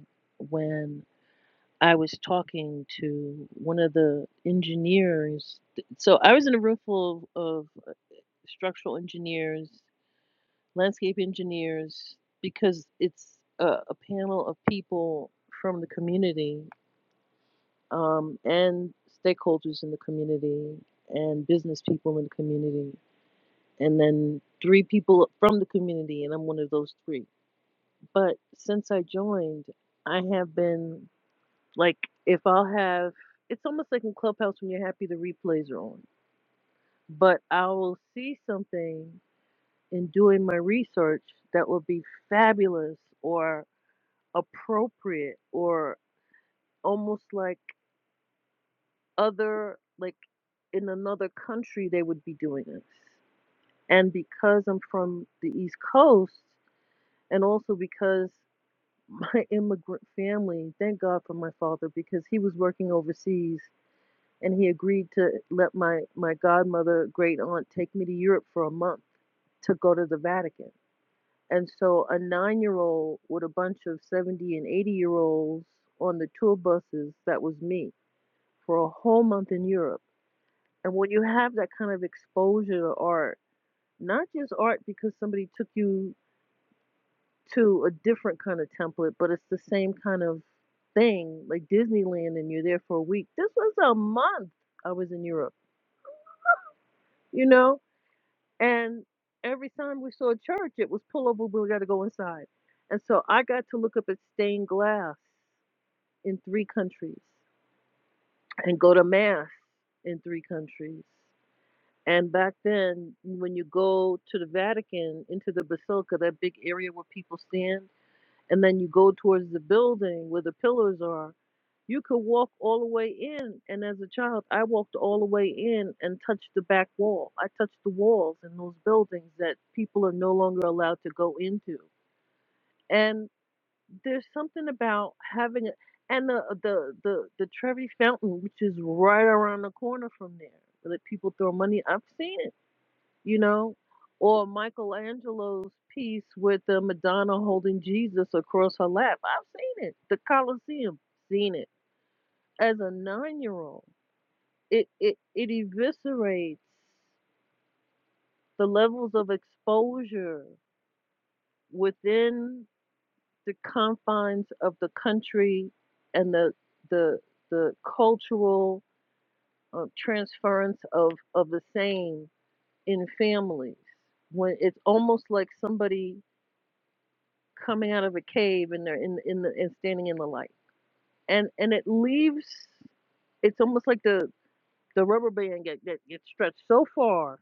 when I was talking to one of the engineers. So I was in a room full of, uh, structural engineers, landscape engineers, because it's a, a panel of people from the community um, and stakeholders in the community and business people in the community. And then three people from the community, and I'm one of those three. But since I joined, I have been Like if I'll have, it's almost like in Clubhouse when you're happy the replays are on. But I will see something in doing my research that will be fabulous or appropriate or almost like other, like in another country they would be doing this. And because I'm from the East Coast, and also because my immigrant family, thank God for my father because he was working overseas and he agreed to let my my godmother great aunt take me to Europe for a month to go to the Vatican. And so a 9-year-old with a bunch of 70 and 80-year-olds on the tour buses, that was me for a whole month in Europe. And when you have that kind of exposure to art, not just art because somebody took you to a different kind of template, but it's the same kind of thing, like Disneyland and you're there for a week. This was a month I was in Europe, you know? And every time we saw a church, it was pull over, we got to go inside. And so I got to look up at stained glass in three countries and go to mass in three countries. And back then, when you go to the Vatican, into the Basilica, that big area where people stand, and then you go towards the building where the pillars are, you could walk all the way in. And as a child, I walked all the way in and touched the back wall. I touched the walls in those buildings that people are no longer allowed to go into. And there's something about having a, and the, the the the Trevi Fountain, which is right around the corner from there, that people throw money. I've seen it, you know, or Michelangelo's piece with the Madonna holding Jesus across her lap. I've seen it. The Colosseum, seen it as a nine year old it it it eviscerates the levels of exposure within the confines of the country and the the the cultural uh, transference of of the same in families when it's almost like somebody coming out of a cave and they're in in the and standing in the light and and it leaves it's almost like the the rubber band get, get gets stretched so far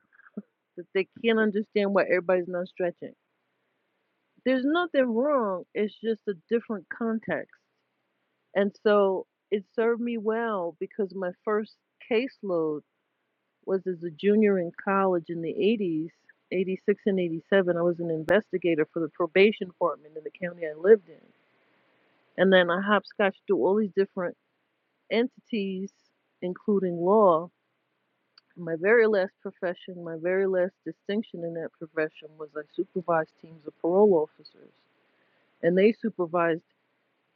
that they can't understand why everybody's not stretching. There's nothing wrong, it's just a different context. And so it served me well because my first caseload was as a junior in college in the 80s, 86 and 87. I was an investigator for the probation department in the county I lived in. And then I hopscotched through all these different entities, including law, My very last profession, my very last distinction in that profession was I supervised teams of parole officers, and they supervised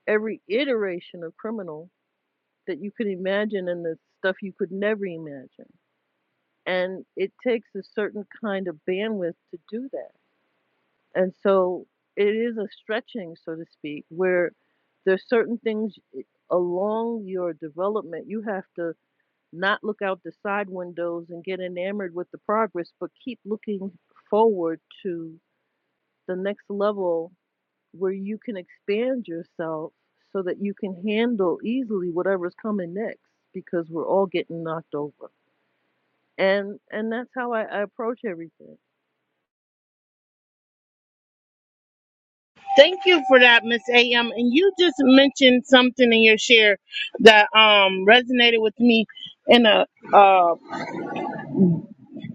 every iteration of criminal that you could imagine and the stuff you could never imagine. And it takes a certain kind of bandwidth to do that. And so it is a stretching, so to speak, where there's certain things eh, along your development you have to not look out the side windows and get enamored with the progress, but keep looking forward to the next level where you can expand yourself so that you can handle easily whatever's coming next because we're all getting knocked over. And and that's how I, I approach everything.
Thank you for that, Miss A.M. And you just mentioned something in your share that um, resonated with me in a um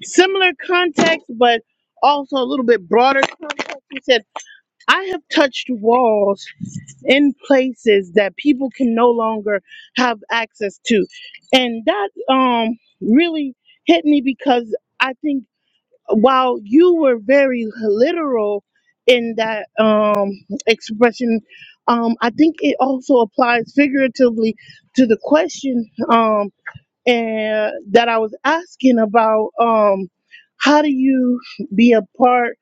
similar context, but also a little bit broader context. He said, I have touched walls in places that people can no longer have access to. And that um, really hit me because I think while you were very literal in that um, expression, um, I think it also applies figuratively to the question. Um, and that I was asking about um how do you be a part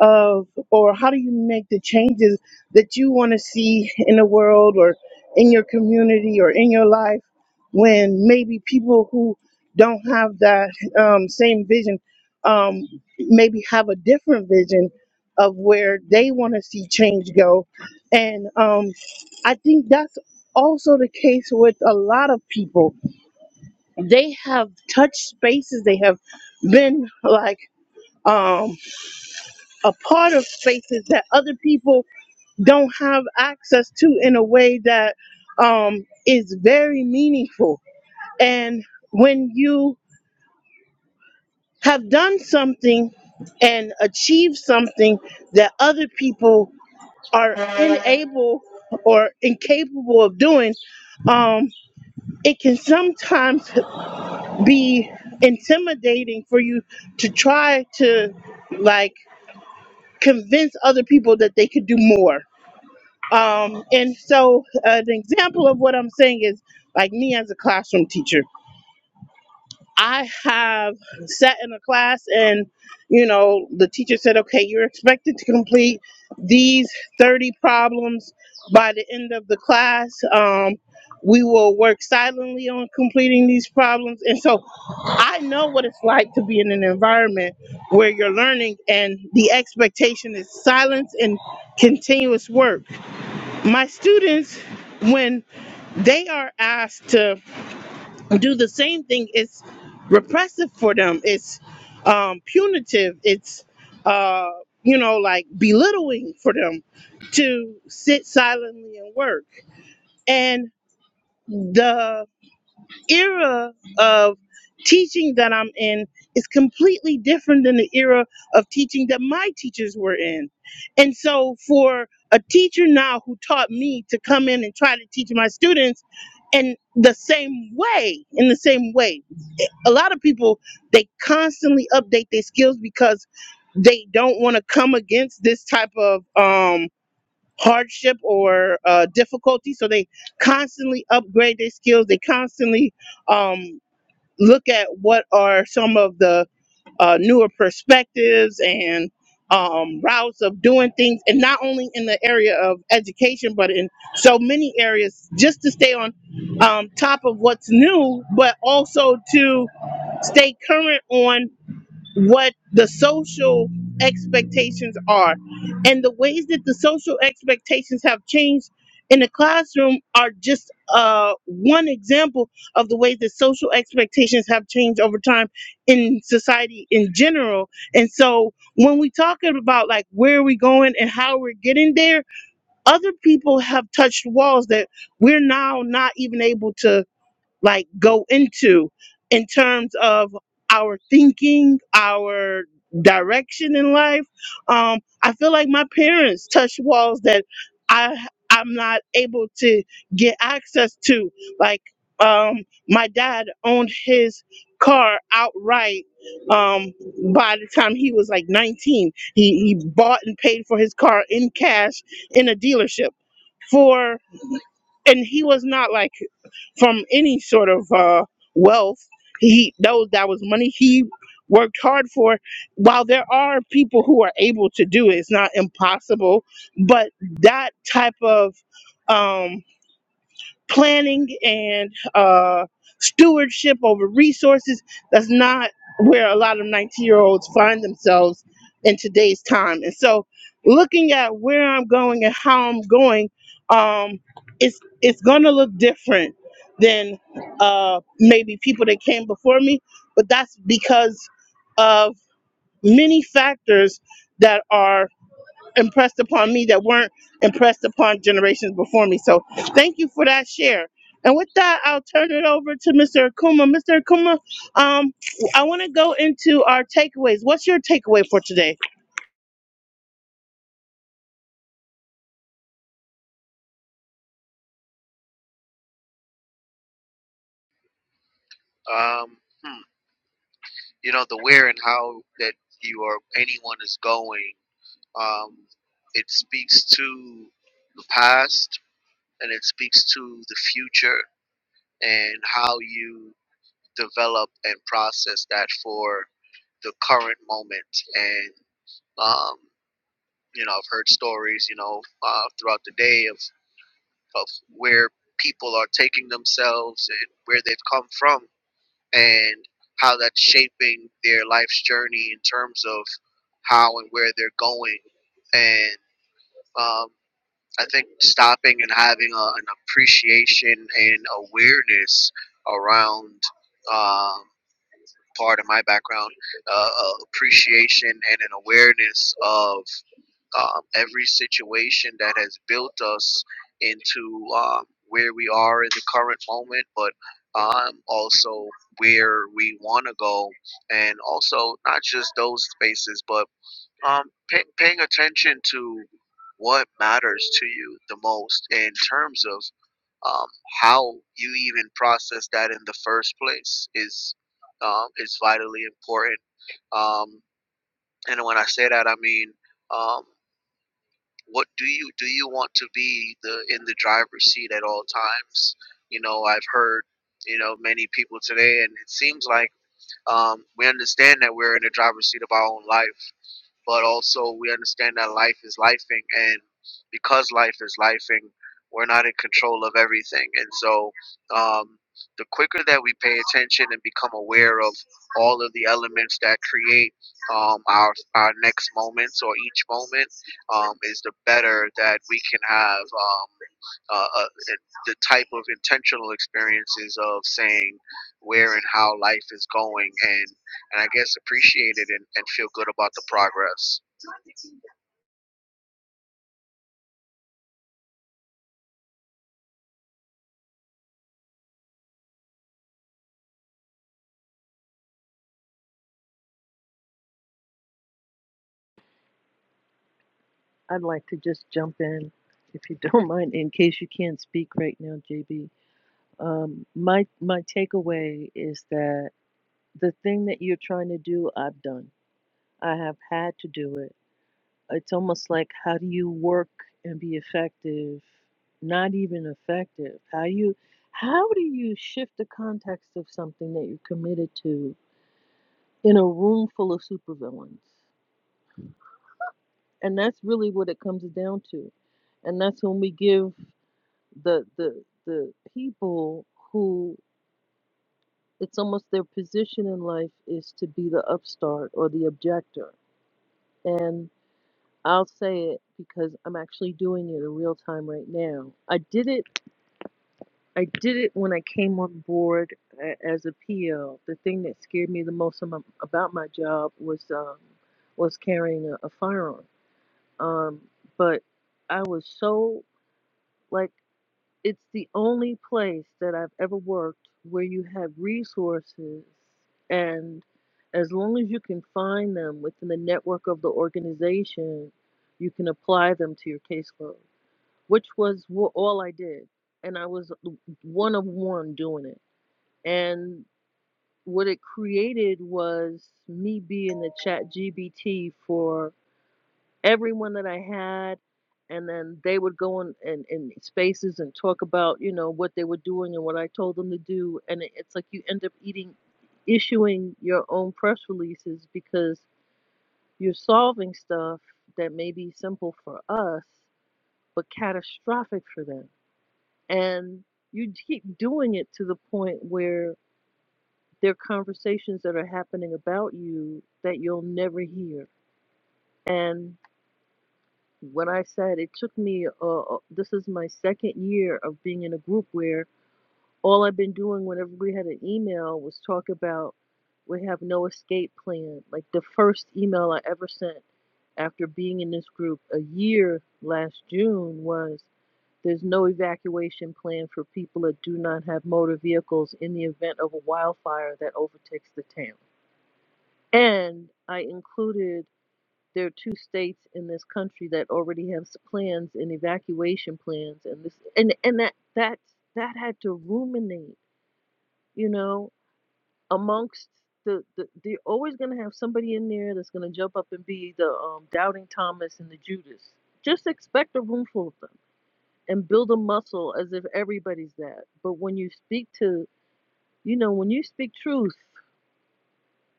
of or how do you make the changes that you want to see in the world or in your community or in your life when maybe people who don't have that um, same vision um, maybe have a different vision of where they want to see change go and um, i think that's also the case with a lot of people they have touched spaces they have been like um a part of spaces that other people don't have access to in a way that um is very meaningful and when you have done something and achieved something that other people are unable or incapable of doing um it can sometimes be intimidating for you to try to like convince other people that they could do more. Um, and so, uh, an example of what I'm saying is like me as a classroom teacher. I have sat in a class and, you know, the teacher said, okay, you're expected to complete these 30 problems by the end of the class. Um, we will work silently on completing these problems. And so I know what it's like to be in an environment where you're learning and the expectation is silence and continuous work. My students, when they are asked to do the same thing. It's repressive for them. It's um, punitive. It's uh, you know like belittling for them to sit silently and work. And the era of teaching that I'm in is completely different than the era of teaching that my teachers were in. And so for a teacher now who taught me to come in and try to teach my students in the same way, in the same way a lot of people they constantly update their skills because they don't want to come against this type of um hardship or uh difficulty so they constantly upgrade their skills they constantly um look at what are some of the uh newer perspectives and um routes of doing things and not only in the area of education but in so many areas just to stay on um top of what's new but also to stay current on what the social expectations are and the ways that the social expectations have changed in the classroom are just uh, one example of the ways that social expectations have changed over time in society in general and so when we talk about like where we going and how we're getting there other people have touched walls that we're now not even able to like go into in terms of our thinking, our direction in life. Um, I feel like my parents touched walls that I I'm not able to get access to. Like um, my dad owned his car outright um by the time he was like 19 he he bought and paid for his car in cash in a dealership for and he was not like from any sort of uh, wealth. He those that was money he worked hard for. While there are people who are able to do it, it's not impossible. But that type of um, planning and uh, stewardship over resources. That's not where a lot of 19 year olds find themselves in today's time. And so, looking at where I'm going and how I'm going, um, it's it's going to look different than uh, maybe people that came before me, but that's because of many factors that are impressed upon me that weren't impressed upon generations before me. So thank you for that share. And with that, I'll turn it over to Mr. Akuma. Mr. Akuma, um, I want to go into our takeaways. What's your takeaway for today?
um, hmm, you know the where and how that you or anyone is going um, it speaks to the past and it speaks to the future and how you develop and process that for the current moment and um, you know i've heard stories you know uh, throughout the day of, of where people are taking themselves and where they've come from and how that's shaping their life's journey in terms of how and where they're going and um, I think stopping and having a, an appreciation and awareness around um, part of my background, uh, uh, appreciation and an awareness of um, every situation that has built us into um, where we are in the current moment, but um, also where we want to go, and also not just those spaces, but um, pay, paying attention to what matters to you the most in terms of um, how you even process that in the first place is um, is vitally important. Um, and when I say that, I mean um, what do you do? You want to be the in the driver's seat at all times. You know, I've heard you know many people today, and it seems like um, we understand that we're in the driver's seat of our own life but also we understand that life is lifing, and because life is lifing, we're not in control of everything. And so, um, the quicker that we pay attention and become aware of all of the elements that create um, our our next moments or each moment, um, is the better that we can have um, uh, uh, the type of intentional experiences of saying where and how life is going and and I guess appreciate it and, and feel good about the progress.
I'd like to just jump in if you don't mind in case you can't speak right now, JB. Um, my my takeaway is that the thing that you're trying to do, I've done. I have had to do it It's almost like how do you work and be effective? Not even effective. How you how do you shift the context of something that you're committed to in a room full of supervillains? And that's really what it comes down to. And that's when we give the the the people who it's almost their position in life is to be the upstart or the objector. And I'll say it because I'm actually doing it in real time right now. I did it I did it when I came on board a- as a PL. The thing that scared me the most am- about my job was um, was carrying a, a firearm. Um, but I was so like it's the only place that I've ever worked where you have resources, and as long as you can find them within the network of the organization, you can apply them to your caseload, which was wha- all I did, and I was one of one doing it and what it created was me being the chat GBT for everyone that I had. And then they would go in, in, in spaces and talk about, you know, what they were doing and what I told them to do. And it, it's like you end up eating, issuing your own press releases because you're solving stuff that may be simple for us, but catastrophic for them. And you keep doing it to the point where There are conversations that are happening about you that you'll never hear. And when I said it took me, uh, uh, this is my second year of being in a group where all I've been doing whenever we had an email was talk about we have no escape plan. Like the first email I ever, s- after being in this group a year last June, was there's no evacuation plan for people that do not have motor vehicles in the event of a wildfire that overtakes the town. And I included there are two states in this country that already have s- plans and evacuation plans, and this and and that that that had to ruminate, you know, amongst the, the they're always going to have somebody in there that's going to jump up and be the um, doubting Thomas and the Judas. Just expect a room full of them and build a muscle as if everybody's that. But when you speak to, you know, when you speak truth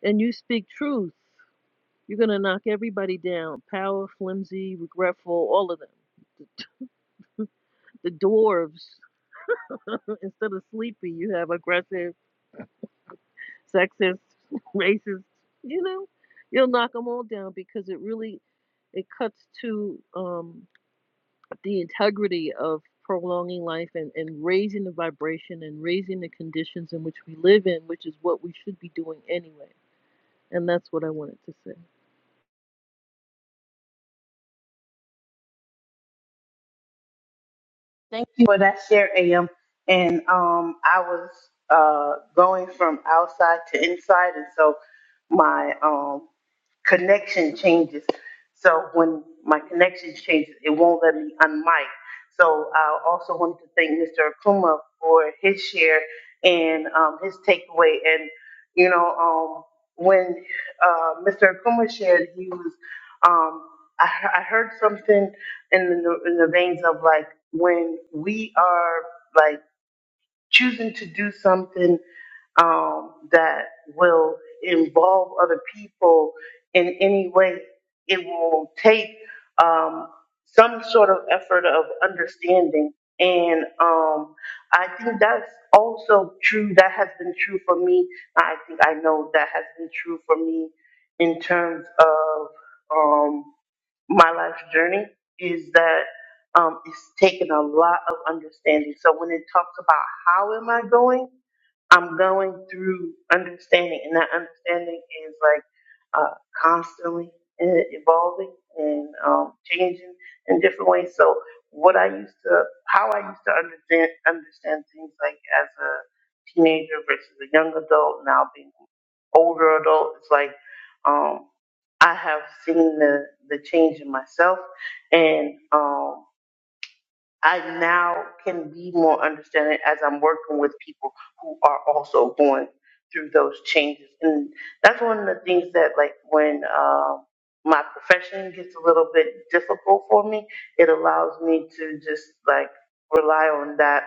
and you speak truth. You're going to knock everybody down power, flimsy, regretful, all of them. The the dwarves, instead of sleepy, you have aggressive, sexist, racist, you know, you'll knock them all down because it really it cuts to um, the integrity of prolonging life and, and raising the vibration and raising the conditions in which we live in, which is what we should be doing anyway. And that's what I wanted to say.
for that share, AM. And um, I was uh, going from outside to inside, and so my um, connection changes. So when my connection changes, it won't let me unmic. So I also wanted to thank Mr. Akuma for his share and um, his takeaway. And you know, um, when uh, Mr. Akuma shared, he was um, I, he- I heard something in the, in the veins of like when we are like choosing to do something um, that will involve other people in any way. It will take um, some sort of effort of understanding. And um, I think that's also true. That has been true for me. I think I know that has been true for me in terms of. um, my life's journey is that um, it's taken a lot of understanding. So when it talks about how am I going, I'm going through understanding, and that understanding is like uh, constantly e- evolving and um, changing in different ways. So what I used to, how I used to understand understand things like as a teenager versus a young adult, now being older adult, it's like. Um, I have seen the, the change in myself and um, I now can be more understanding as I'm working with people who are also going through those changes. And that's one of the things that like when um, my profession gets a little bit difficult for me, it allows me to just like rely on that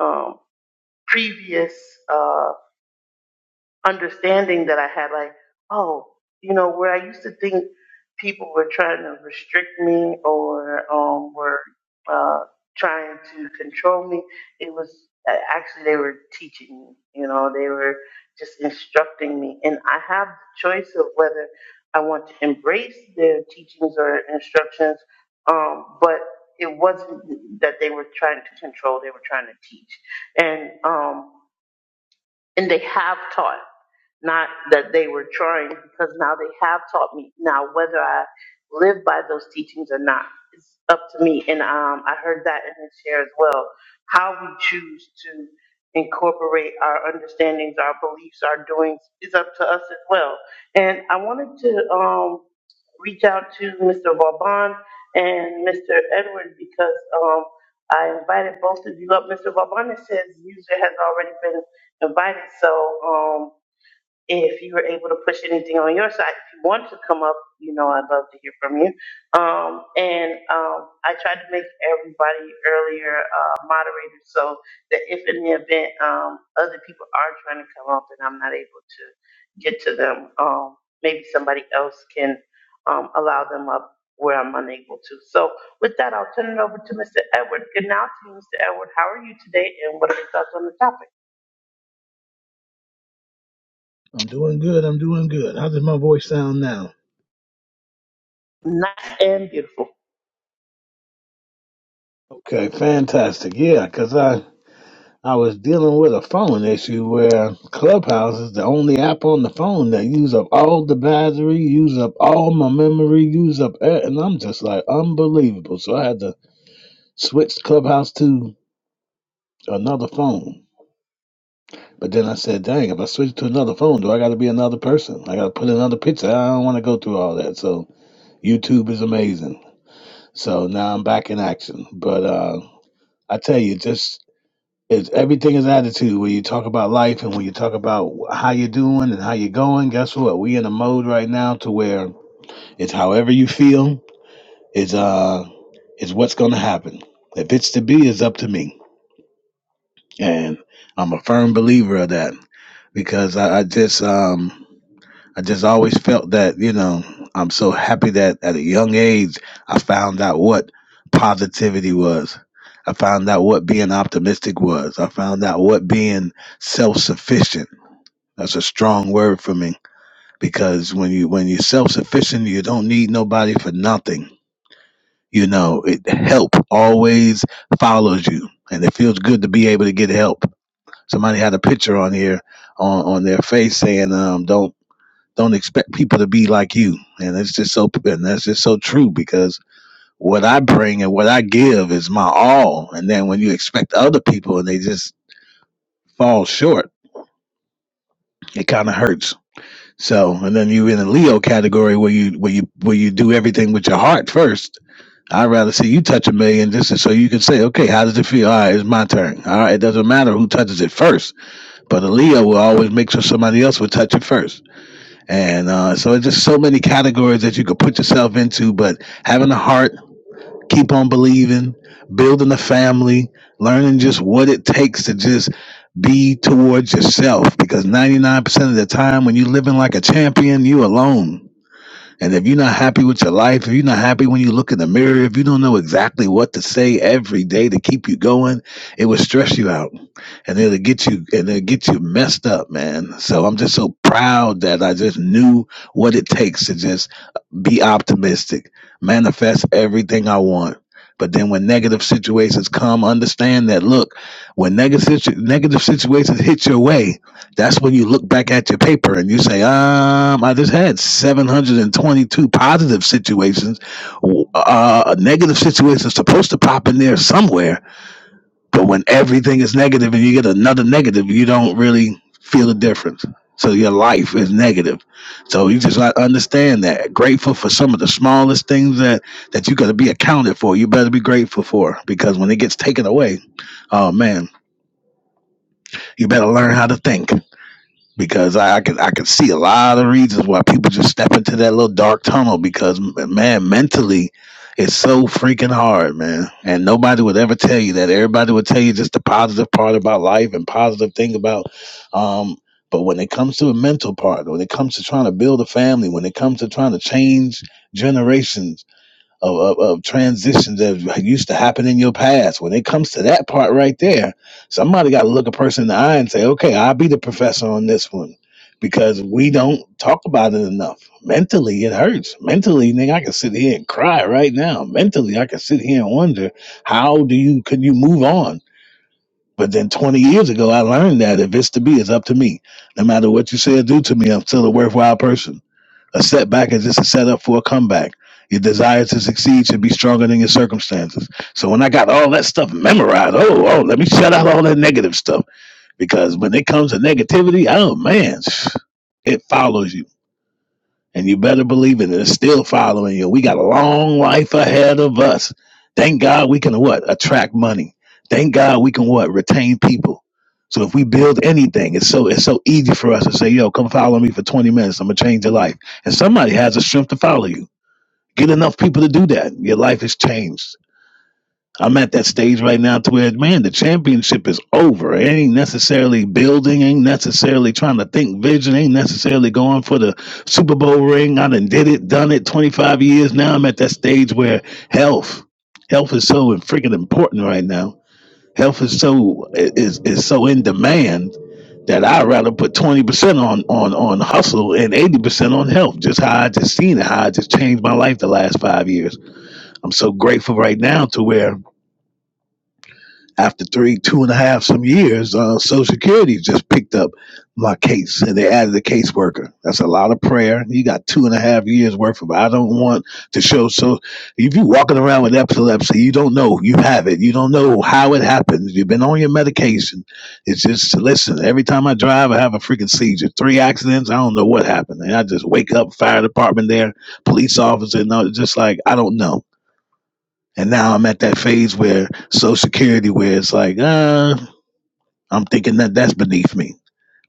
um, previous Uh, understanding that I had, like, oh, you know, where I used to think people were trying to restrict me or um, were uh, trying to control me, it was uh, actually they were teaching me. You know, they were just instructing me, and I have the choice of whether I want to embrace their teachings or instructions. Um, but it wasn't that they were trying to control; they were trying to teach, and um, and they have taught, not that they were trying, because now they have taught me. Now, whether I live by those teachings or not, it's up to me. And um, I heard that in this share as well. How we choose to incorporate our understandings, our beliefs, our doings is up to us as well. And I wanted to um, reach out to Mr. Vauban and Mr. Edward because um, I invited both of you up. Mr. Vauban it says user has already been invited, so um, if you were able to push anything on your side, if you want to come up, you know I'd love to hear from you. Um, and um, I tried to make everybody earlier uh, moderators so that if in the event um, other people are trying to come up and I'm not able to get to them, um, maybe somebody else can um, upward. So with that,
I'm doing good. I'm doing good. How does my voice sound now?
nice and beautiful.
Okay, fantastic. Yeah, 'cause I I was dealing with a phone issue where Clubhouse is the only app on the phone that use up all the battery, use up all my memory, use up, e- and I'm just like unbelievable. So I had to switch Clubhouse to another phone. But then I said, dang, if I switch to another phone, do I got to be another person? I got to put another picture. I don't want to go through all that. So YouTube is amazing. So now I'm back in action. But uh I tell you, just it's everything is attitude. When you talk about life and when you talk about how you're doing and how you're going, guess what? We in a mode right now to where it's however you feel is uh is what's gonna happen. If it's to be, it's up to me, and I'm a firm believer of that because I, I just um I just always felt that, you know, I'm so happy that at a young age I found out what positivity was. I found out what being optimistic was. I found out what being self-sufficient. That's a strong word for me because when you when you're self-sufficient, you don't need nobody for nothing. You know, it help always follows you and it feels good to be able to get help. Somebody had a picture on here on, on their face saying, um, don't don't expect people to be like you. And it's just so and that's just so true because what I bring and what I give is my all. And then when you expect other people and they just fall short, it kind of hurts. So and then you in the Leo category where you where you where you do everything with your heart first. I'd rather see you touch a million just so you can say, okay, how does it feel? All right, it's my turn. All right, it doesn't matter who touches it first, but a Leo will always make sure somebody else will touch it first. And uh, so it's just so many categories that you could put yourself into, but having a heart, keep on believing, building a family, learning just what it takes to just be towards yourself. Because 99% of the time, when you're living like a champion, you alone and if you're not happy with your life, if you're not happy when you look in the mirror, if you don't know exactly what to say every day to keep you going, it will stress you out. And it'll get you and it'll get you messed up, man. So I'm just so proud that I just knew what it takes to just be optimistic, manifest everything I want. But then when negative situations come, understand that look, when negative situ- negative situations hit your way, that's when you look back at your paper and you say, um, I just had 722 positive situations. W- Uh, a negative situations supposed to pop in there somewhere but when everything is negative and you get another negative, you don't really feel the difference. So your life is negative. So you just not understand that. Grateful for some of the smallest things that that you gotta be accounted for. You better be grateful for because when it gets taken away, oh man, you better learn how to think because I, I could I could see a lot of reasons why people just step into that little dark tunnel because m- man, mentally, it's so freaking hard, man. And nobody would ever tell you that. Everybody would tell you just the positive part about life and positive thing about. Um, but when it comes to the mental part, when it comes to trying to build a family, when it comes to trying to change generations, of, of, of transitions that used to happen in your past. When it comes to that part right there, somebody got to look a person in the eye and say, okay, I'll be the professor on this one because we don't talk about it enough. Mentally, it hurts. Mentally, nigga, I can sit here and cry right now. Mentally, I can sit here and wonder, how do you, could you move on? But then 20 years ago, I learned that if it's to be, it's up to me. No matter what you say or do to me, I'm still a worthwhile person a setback is just a setup for a comeback. Your desire to succeed should be stronger than your circumstances. So when I got all that stuff memorized, oh, oh, let me shut out all that negative stuff because when it comes to negativity, oh man, it follows you. And you better believe it, it's still following you. We got a long life ahead of us. Thank God we can what? Attract money. Thank God we can what? Retain people. So if we build anything, it's so it's so easy for us to say, yo, come follow me for 20 minutes. I'm gonna change your life. And somebody has the strength to follow you. Get enough people to do that. Your life is changed. I'm at that stage right now to where, man, the championship is over. It ain't necessarily building, ain't necessarily trying to think vision, ain't necessarily going for the Super Bowl ring. I done did it, done it 25 years now. I'm at that stage where health, health is so freaking important right now. Health is so is is so in demand that I'd rather put 20% on on on hustle and 80% on health. Just how I just seen it, how I just changed my life the last five years. I'm so grateful right now to where after three, two and a half some years, uh, Social Security just picked up my case and they added a caseworker. That's a lot of prayer. You got two and a half years worth of. it. I don't want to show. So if you're walking around with epilepsy, you don't know you have it. You don't know how it happens. You've been on your medication. It's just listen. Every time I drive, I have a freaking seizure. Three accidents. I don't know what happened, and I just wake up. Fire department there, police officer. No, just like I don't know. And now I'm at that phase where Social Security, where it's like, uh, I'm thinking that that's beneath me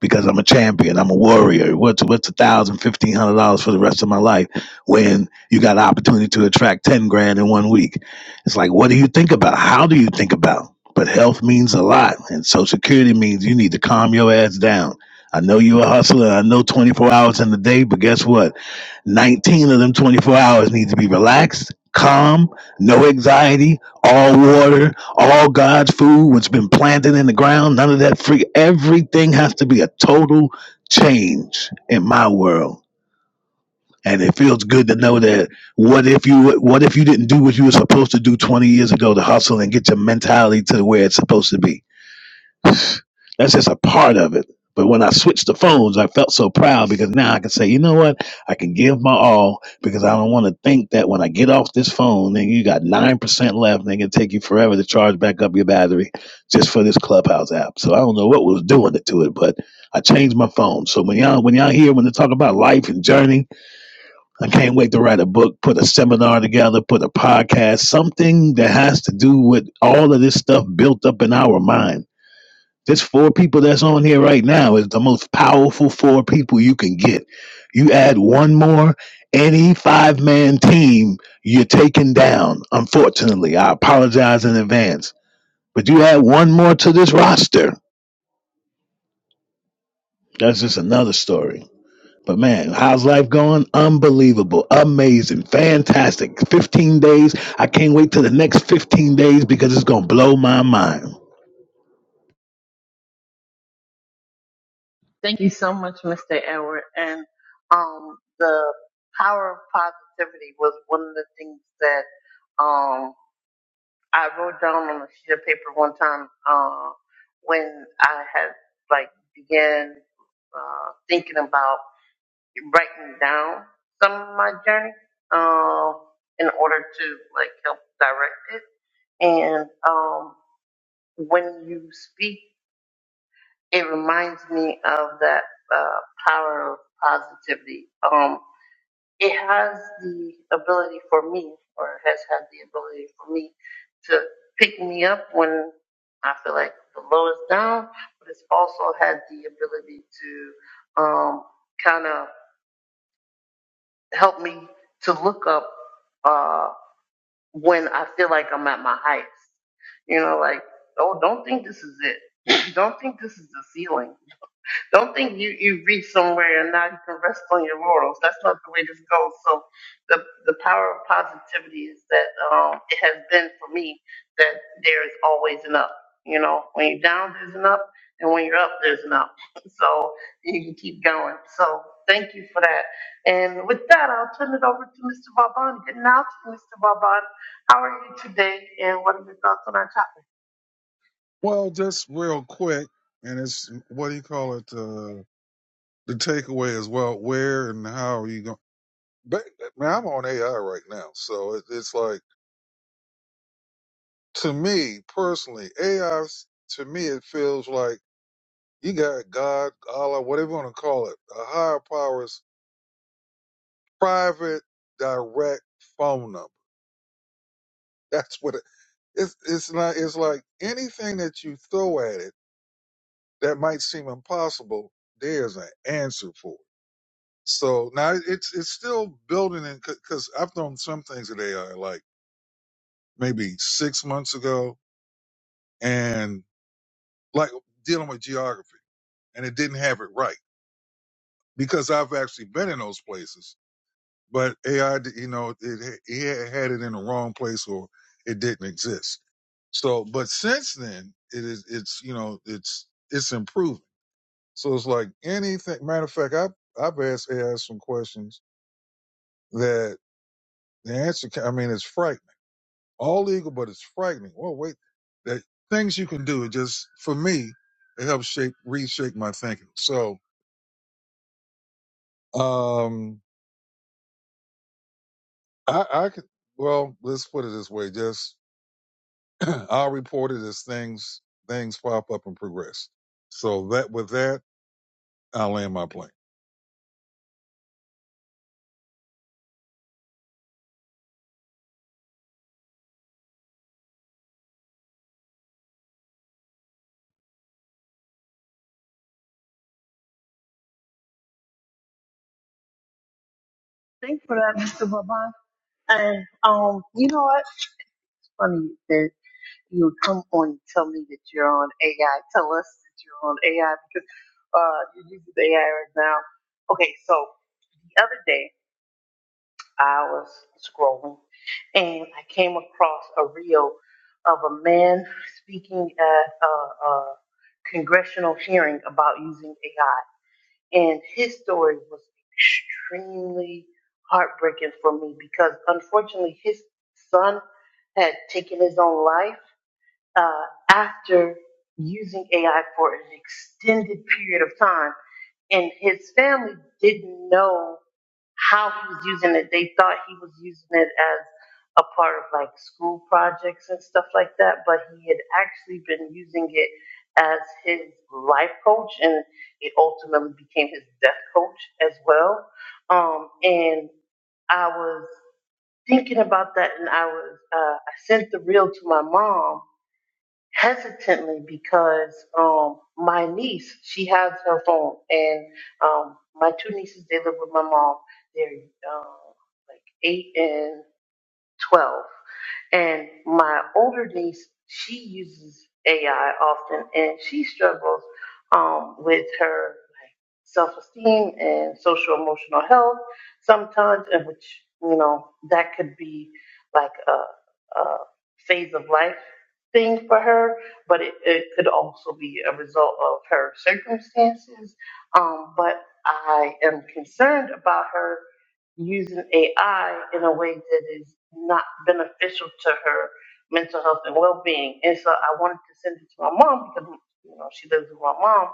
because I'm a champion, I'm a warrior. What's what's a thousand, fifteen hundred dollars for the rest of my life when you got an opportunity to attract ten grand in one week? It's like, what do you think about? How do you think about? But health means a lot, and Social Security means you need to calm your ass down. I know you're a hustler. I know 24 hours in the day, but guess what? 19 of them 24 hours need to be relaxed, calm, no anxiety, all water, all God's food, what's been planted in the ground, none of that free. Everything has to be a total change in my world. And it feels good to know that what if you what if you didn't do what you were supposed to do 20 years ago to hustle and get your mentality to where it's supposed to be? That's just a part of it. But when I switched the phones, I felt so proud because now I can say, you know what? I can give my all because I don't want to think that when I get off this phone, then you got 9% left and it can take you forever to charge back up your battery just for this Clubhouse app. So I don't know what was doing it to it, but I changed my phone. So when y'all, when y'all hear, when they talk about life and journey, I can't wait to write a book, put a seminar together, put a podcast, something that has to do with all of this stuff built up in our mind this four people that's on here right now is the most powerful four people you can get. You add one more, any five man team, you're taken down. Unfortunately, I apologize in advance. But you add one more to this roster. That's just another story. But man, how's life going? Unbelievable, amazing, fantastic. 15 days. I can't wait till the next 15 days because it's going to blow my mind.
Thank you so much, Mr. Edward. And um, the power of positivity was one of the things that um, I wrote down on a sheet of paper one time uh, when I had like began uh, thinking about writing down some of my journey um, in order to like help direct it. And um, when you speak it reminds me of that uh, power of positivity. Um, it has the ability for me, or has had the ability for me, to pick me up when I feel like the low is down, but it's also had the ability to um, kind of help me to look up uh, when I feel like I'm at my highest. You know, like, oh, don't think this is it. don't think this is the ceiling Don't think you, you reach somewhere and now you can rest on your laurels. That's not the way this goes. So the the power of positivity is that um, it has been for me that there is always an up. You know, when you're down, there's an up, and when you're up, there's an up. So you can keep going. So thank you for that. And with that, I'll turn it over to Mr. Vauban. Good night, Mr. Vauban. How are you today? And what are your thoughts on our topic?
Well, just real quick, and it's what do you call it? Uh, the takeaway is well, where and how are you going? But man, I'm on AI right now, so it, it's like to me personally, AI 's- to me it feels like you got God, Allah, whatever you want to call it, a higher power's private direct phone number. That's what it, it's. It's not. It's like anything that you throw at it that might seem impossible. There's an answer for. So now it's it's still building in because I've thrown some things at AI like maybe six months ago, and like dealing with geography, and it didn't have it right because I've actually been in those places, but AI, you know, it it had it in the wrong place or it didn't exist. So, but since then, it is it's you know it's it's improving. So it's like anything. Matter of fact, I I've asked AI some questions that the answer. ca- I mean, it's frightening all legal, but it's frightening. Well, wait, that things you can do. It just for me, it helps shape reshape my thinking. So um I I could well let's put it this way. Just I'll report it as things things pop up and progress. So that with that, I'll land my plane.
Thanks for that, Mr. Vauban. And um, you know what? Funny you said you come on and tell me that you're on AI. Tell us that you're on AI because uh, you're using AI right now. Okay, so the other day I was scrolling and I came across a reel of a man speaking at a, a congressional hearing about using AI. And his story was extremely heartbreaking for me because unfortunately his son had taken his own life uh, after using AI for an extended period of time. And his family didn't know how he was using it. They thought he was using it as a part of like school projects and stuff like that, but he had actually been using it as his life coach and it ultimately became his death coach as well. Um, and I was thinking about that and I was, uh, I sent the reel to my mom hesitantly because um my niece she has her phone and um my two nieces they live with my mom they're uh, like eight and twelve and my older niece she uses AI often and she struggles um with her self-esteem and social emotional health sometimes in which you know that could be like a, a phase of life thing for her but it, it could also be a result of her circumstances um, but i am concerned about her using AI in a way that is not beneficial to her mental health and well being. And so I wanted to send it to my mom because you know she lives with my mom,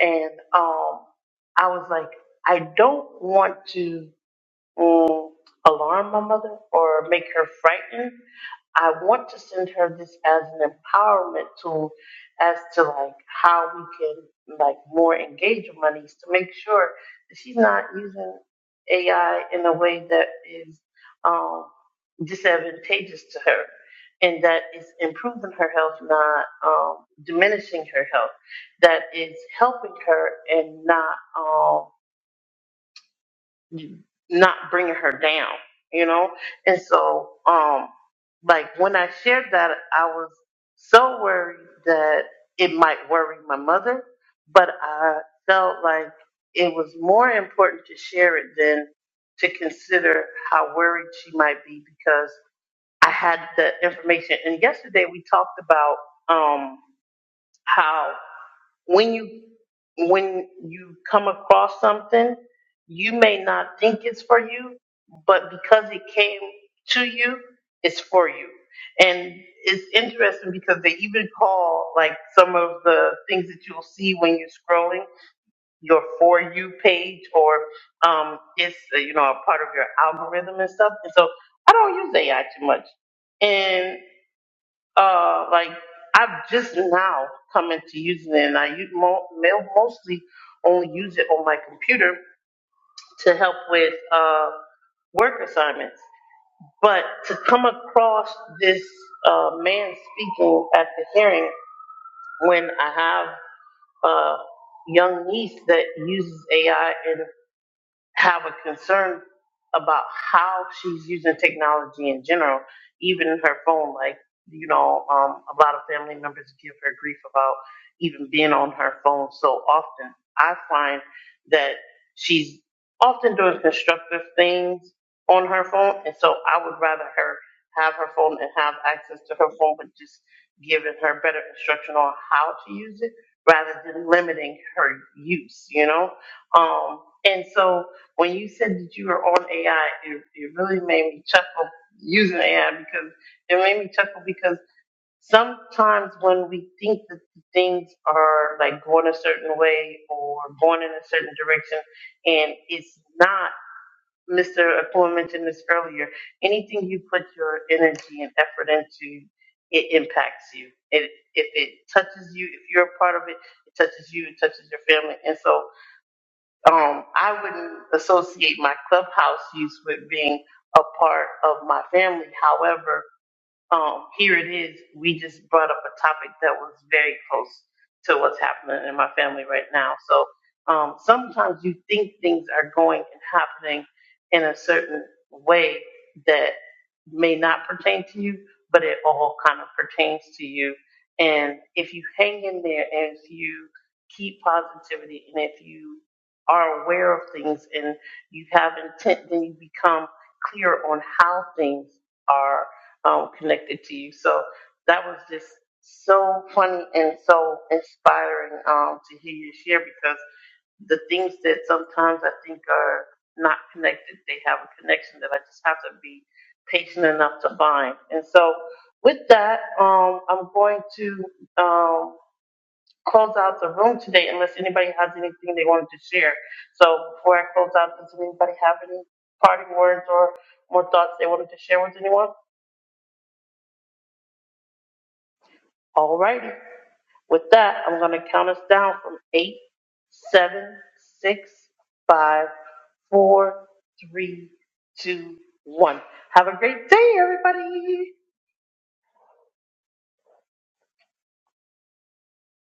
and um, I was like, I don't want to um, alarm my mother or make her frightened. I want to send her this as an empowerment tool as to like how we can like more engage with monies to make sure that she's not using AI in a way that is um, disadvantageous to her and that is improving her health, not um, diminishing her health, that is helping her and not um, not bringing her down, you know? And so, um, like when I shared that, I was so worried that it might worry my mother, but I felt like it was more important to share it than to consider how worried she might be because I had the information. And yesterday we talked about, um, how when you when you come across something you may not think it's for you but because it came to you it's for you and it's interesting because they even call like some of the things that you'll see when you're scrolling your for you page or um it's uh, you know a part of your algorithm and stuff and so i don't use ai too much and uh, like I've just now come into using it, and I use mo- mo- mostly only use it on my computer to help with uh, work assignments. But to come across this uh, man speaking at the hearing when I have a young niece that uses AI have a concern about how she's using technology in general, even her phone. Like, you know, um, a lot of family members give her grief about even being on her phone so often. I find that she's often doing constructive things on her phone, and so I would rather her have her phone and have access to her phone, but just giving her better instruction on how to use it rather than limiting her use, you know? Um, and so when you said that you were on AI, it, it really made me chuckle using AI because it made me chuckle because sometimes when we think that things are like going a certain way or going in a certain direction and it's not Mr. Akua mentioned this earlier, anything you put your energy and effort into, it impacts you. It, if it touches you, if you're a part of it, it touches you, it touches your family. And so um, I wouldn't associate my clubhouse use with being a part of my family. However, um, here it is. We just brought up a topic that was very close to what's happening in my family right now. So um, sometimes you think things are going and happening in a certain way that may not pertain to you, but it all kind of pertains to you. And if you hang in there and if you keep positivity and if you are aware of things and you have intent, then you become clear on how things are um, connected to you. So that was just so funny and so inspiring um, to hear you share because the things that sometimes I think are not connected, they have a connection that I just have to be patient enough to find. And so with that, um, I'm going to um, close out the room today unless anybody has anything they wanted to share. So before I close out, does anybody have any parting words or more thoughts they wanted to share with anyone? All righty. With that, I'm going to count us down from eight, seven, six, five, four, three, two, one. Have a great day, everybody.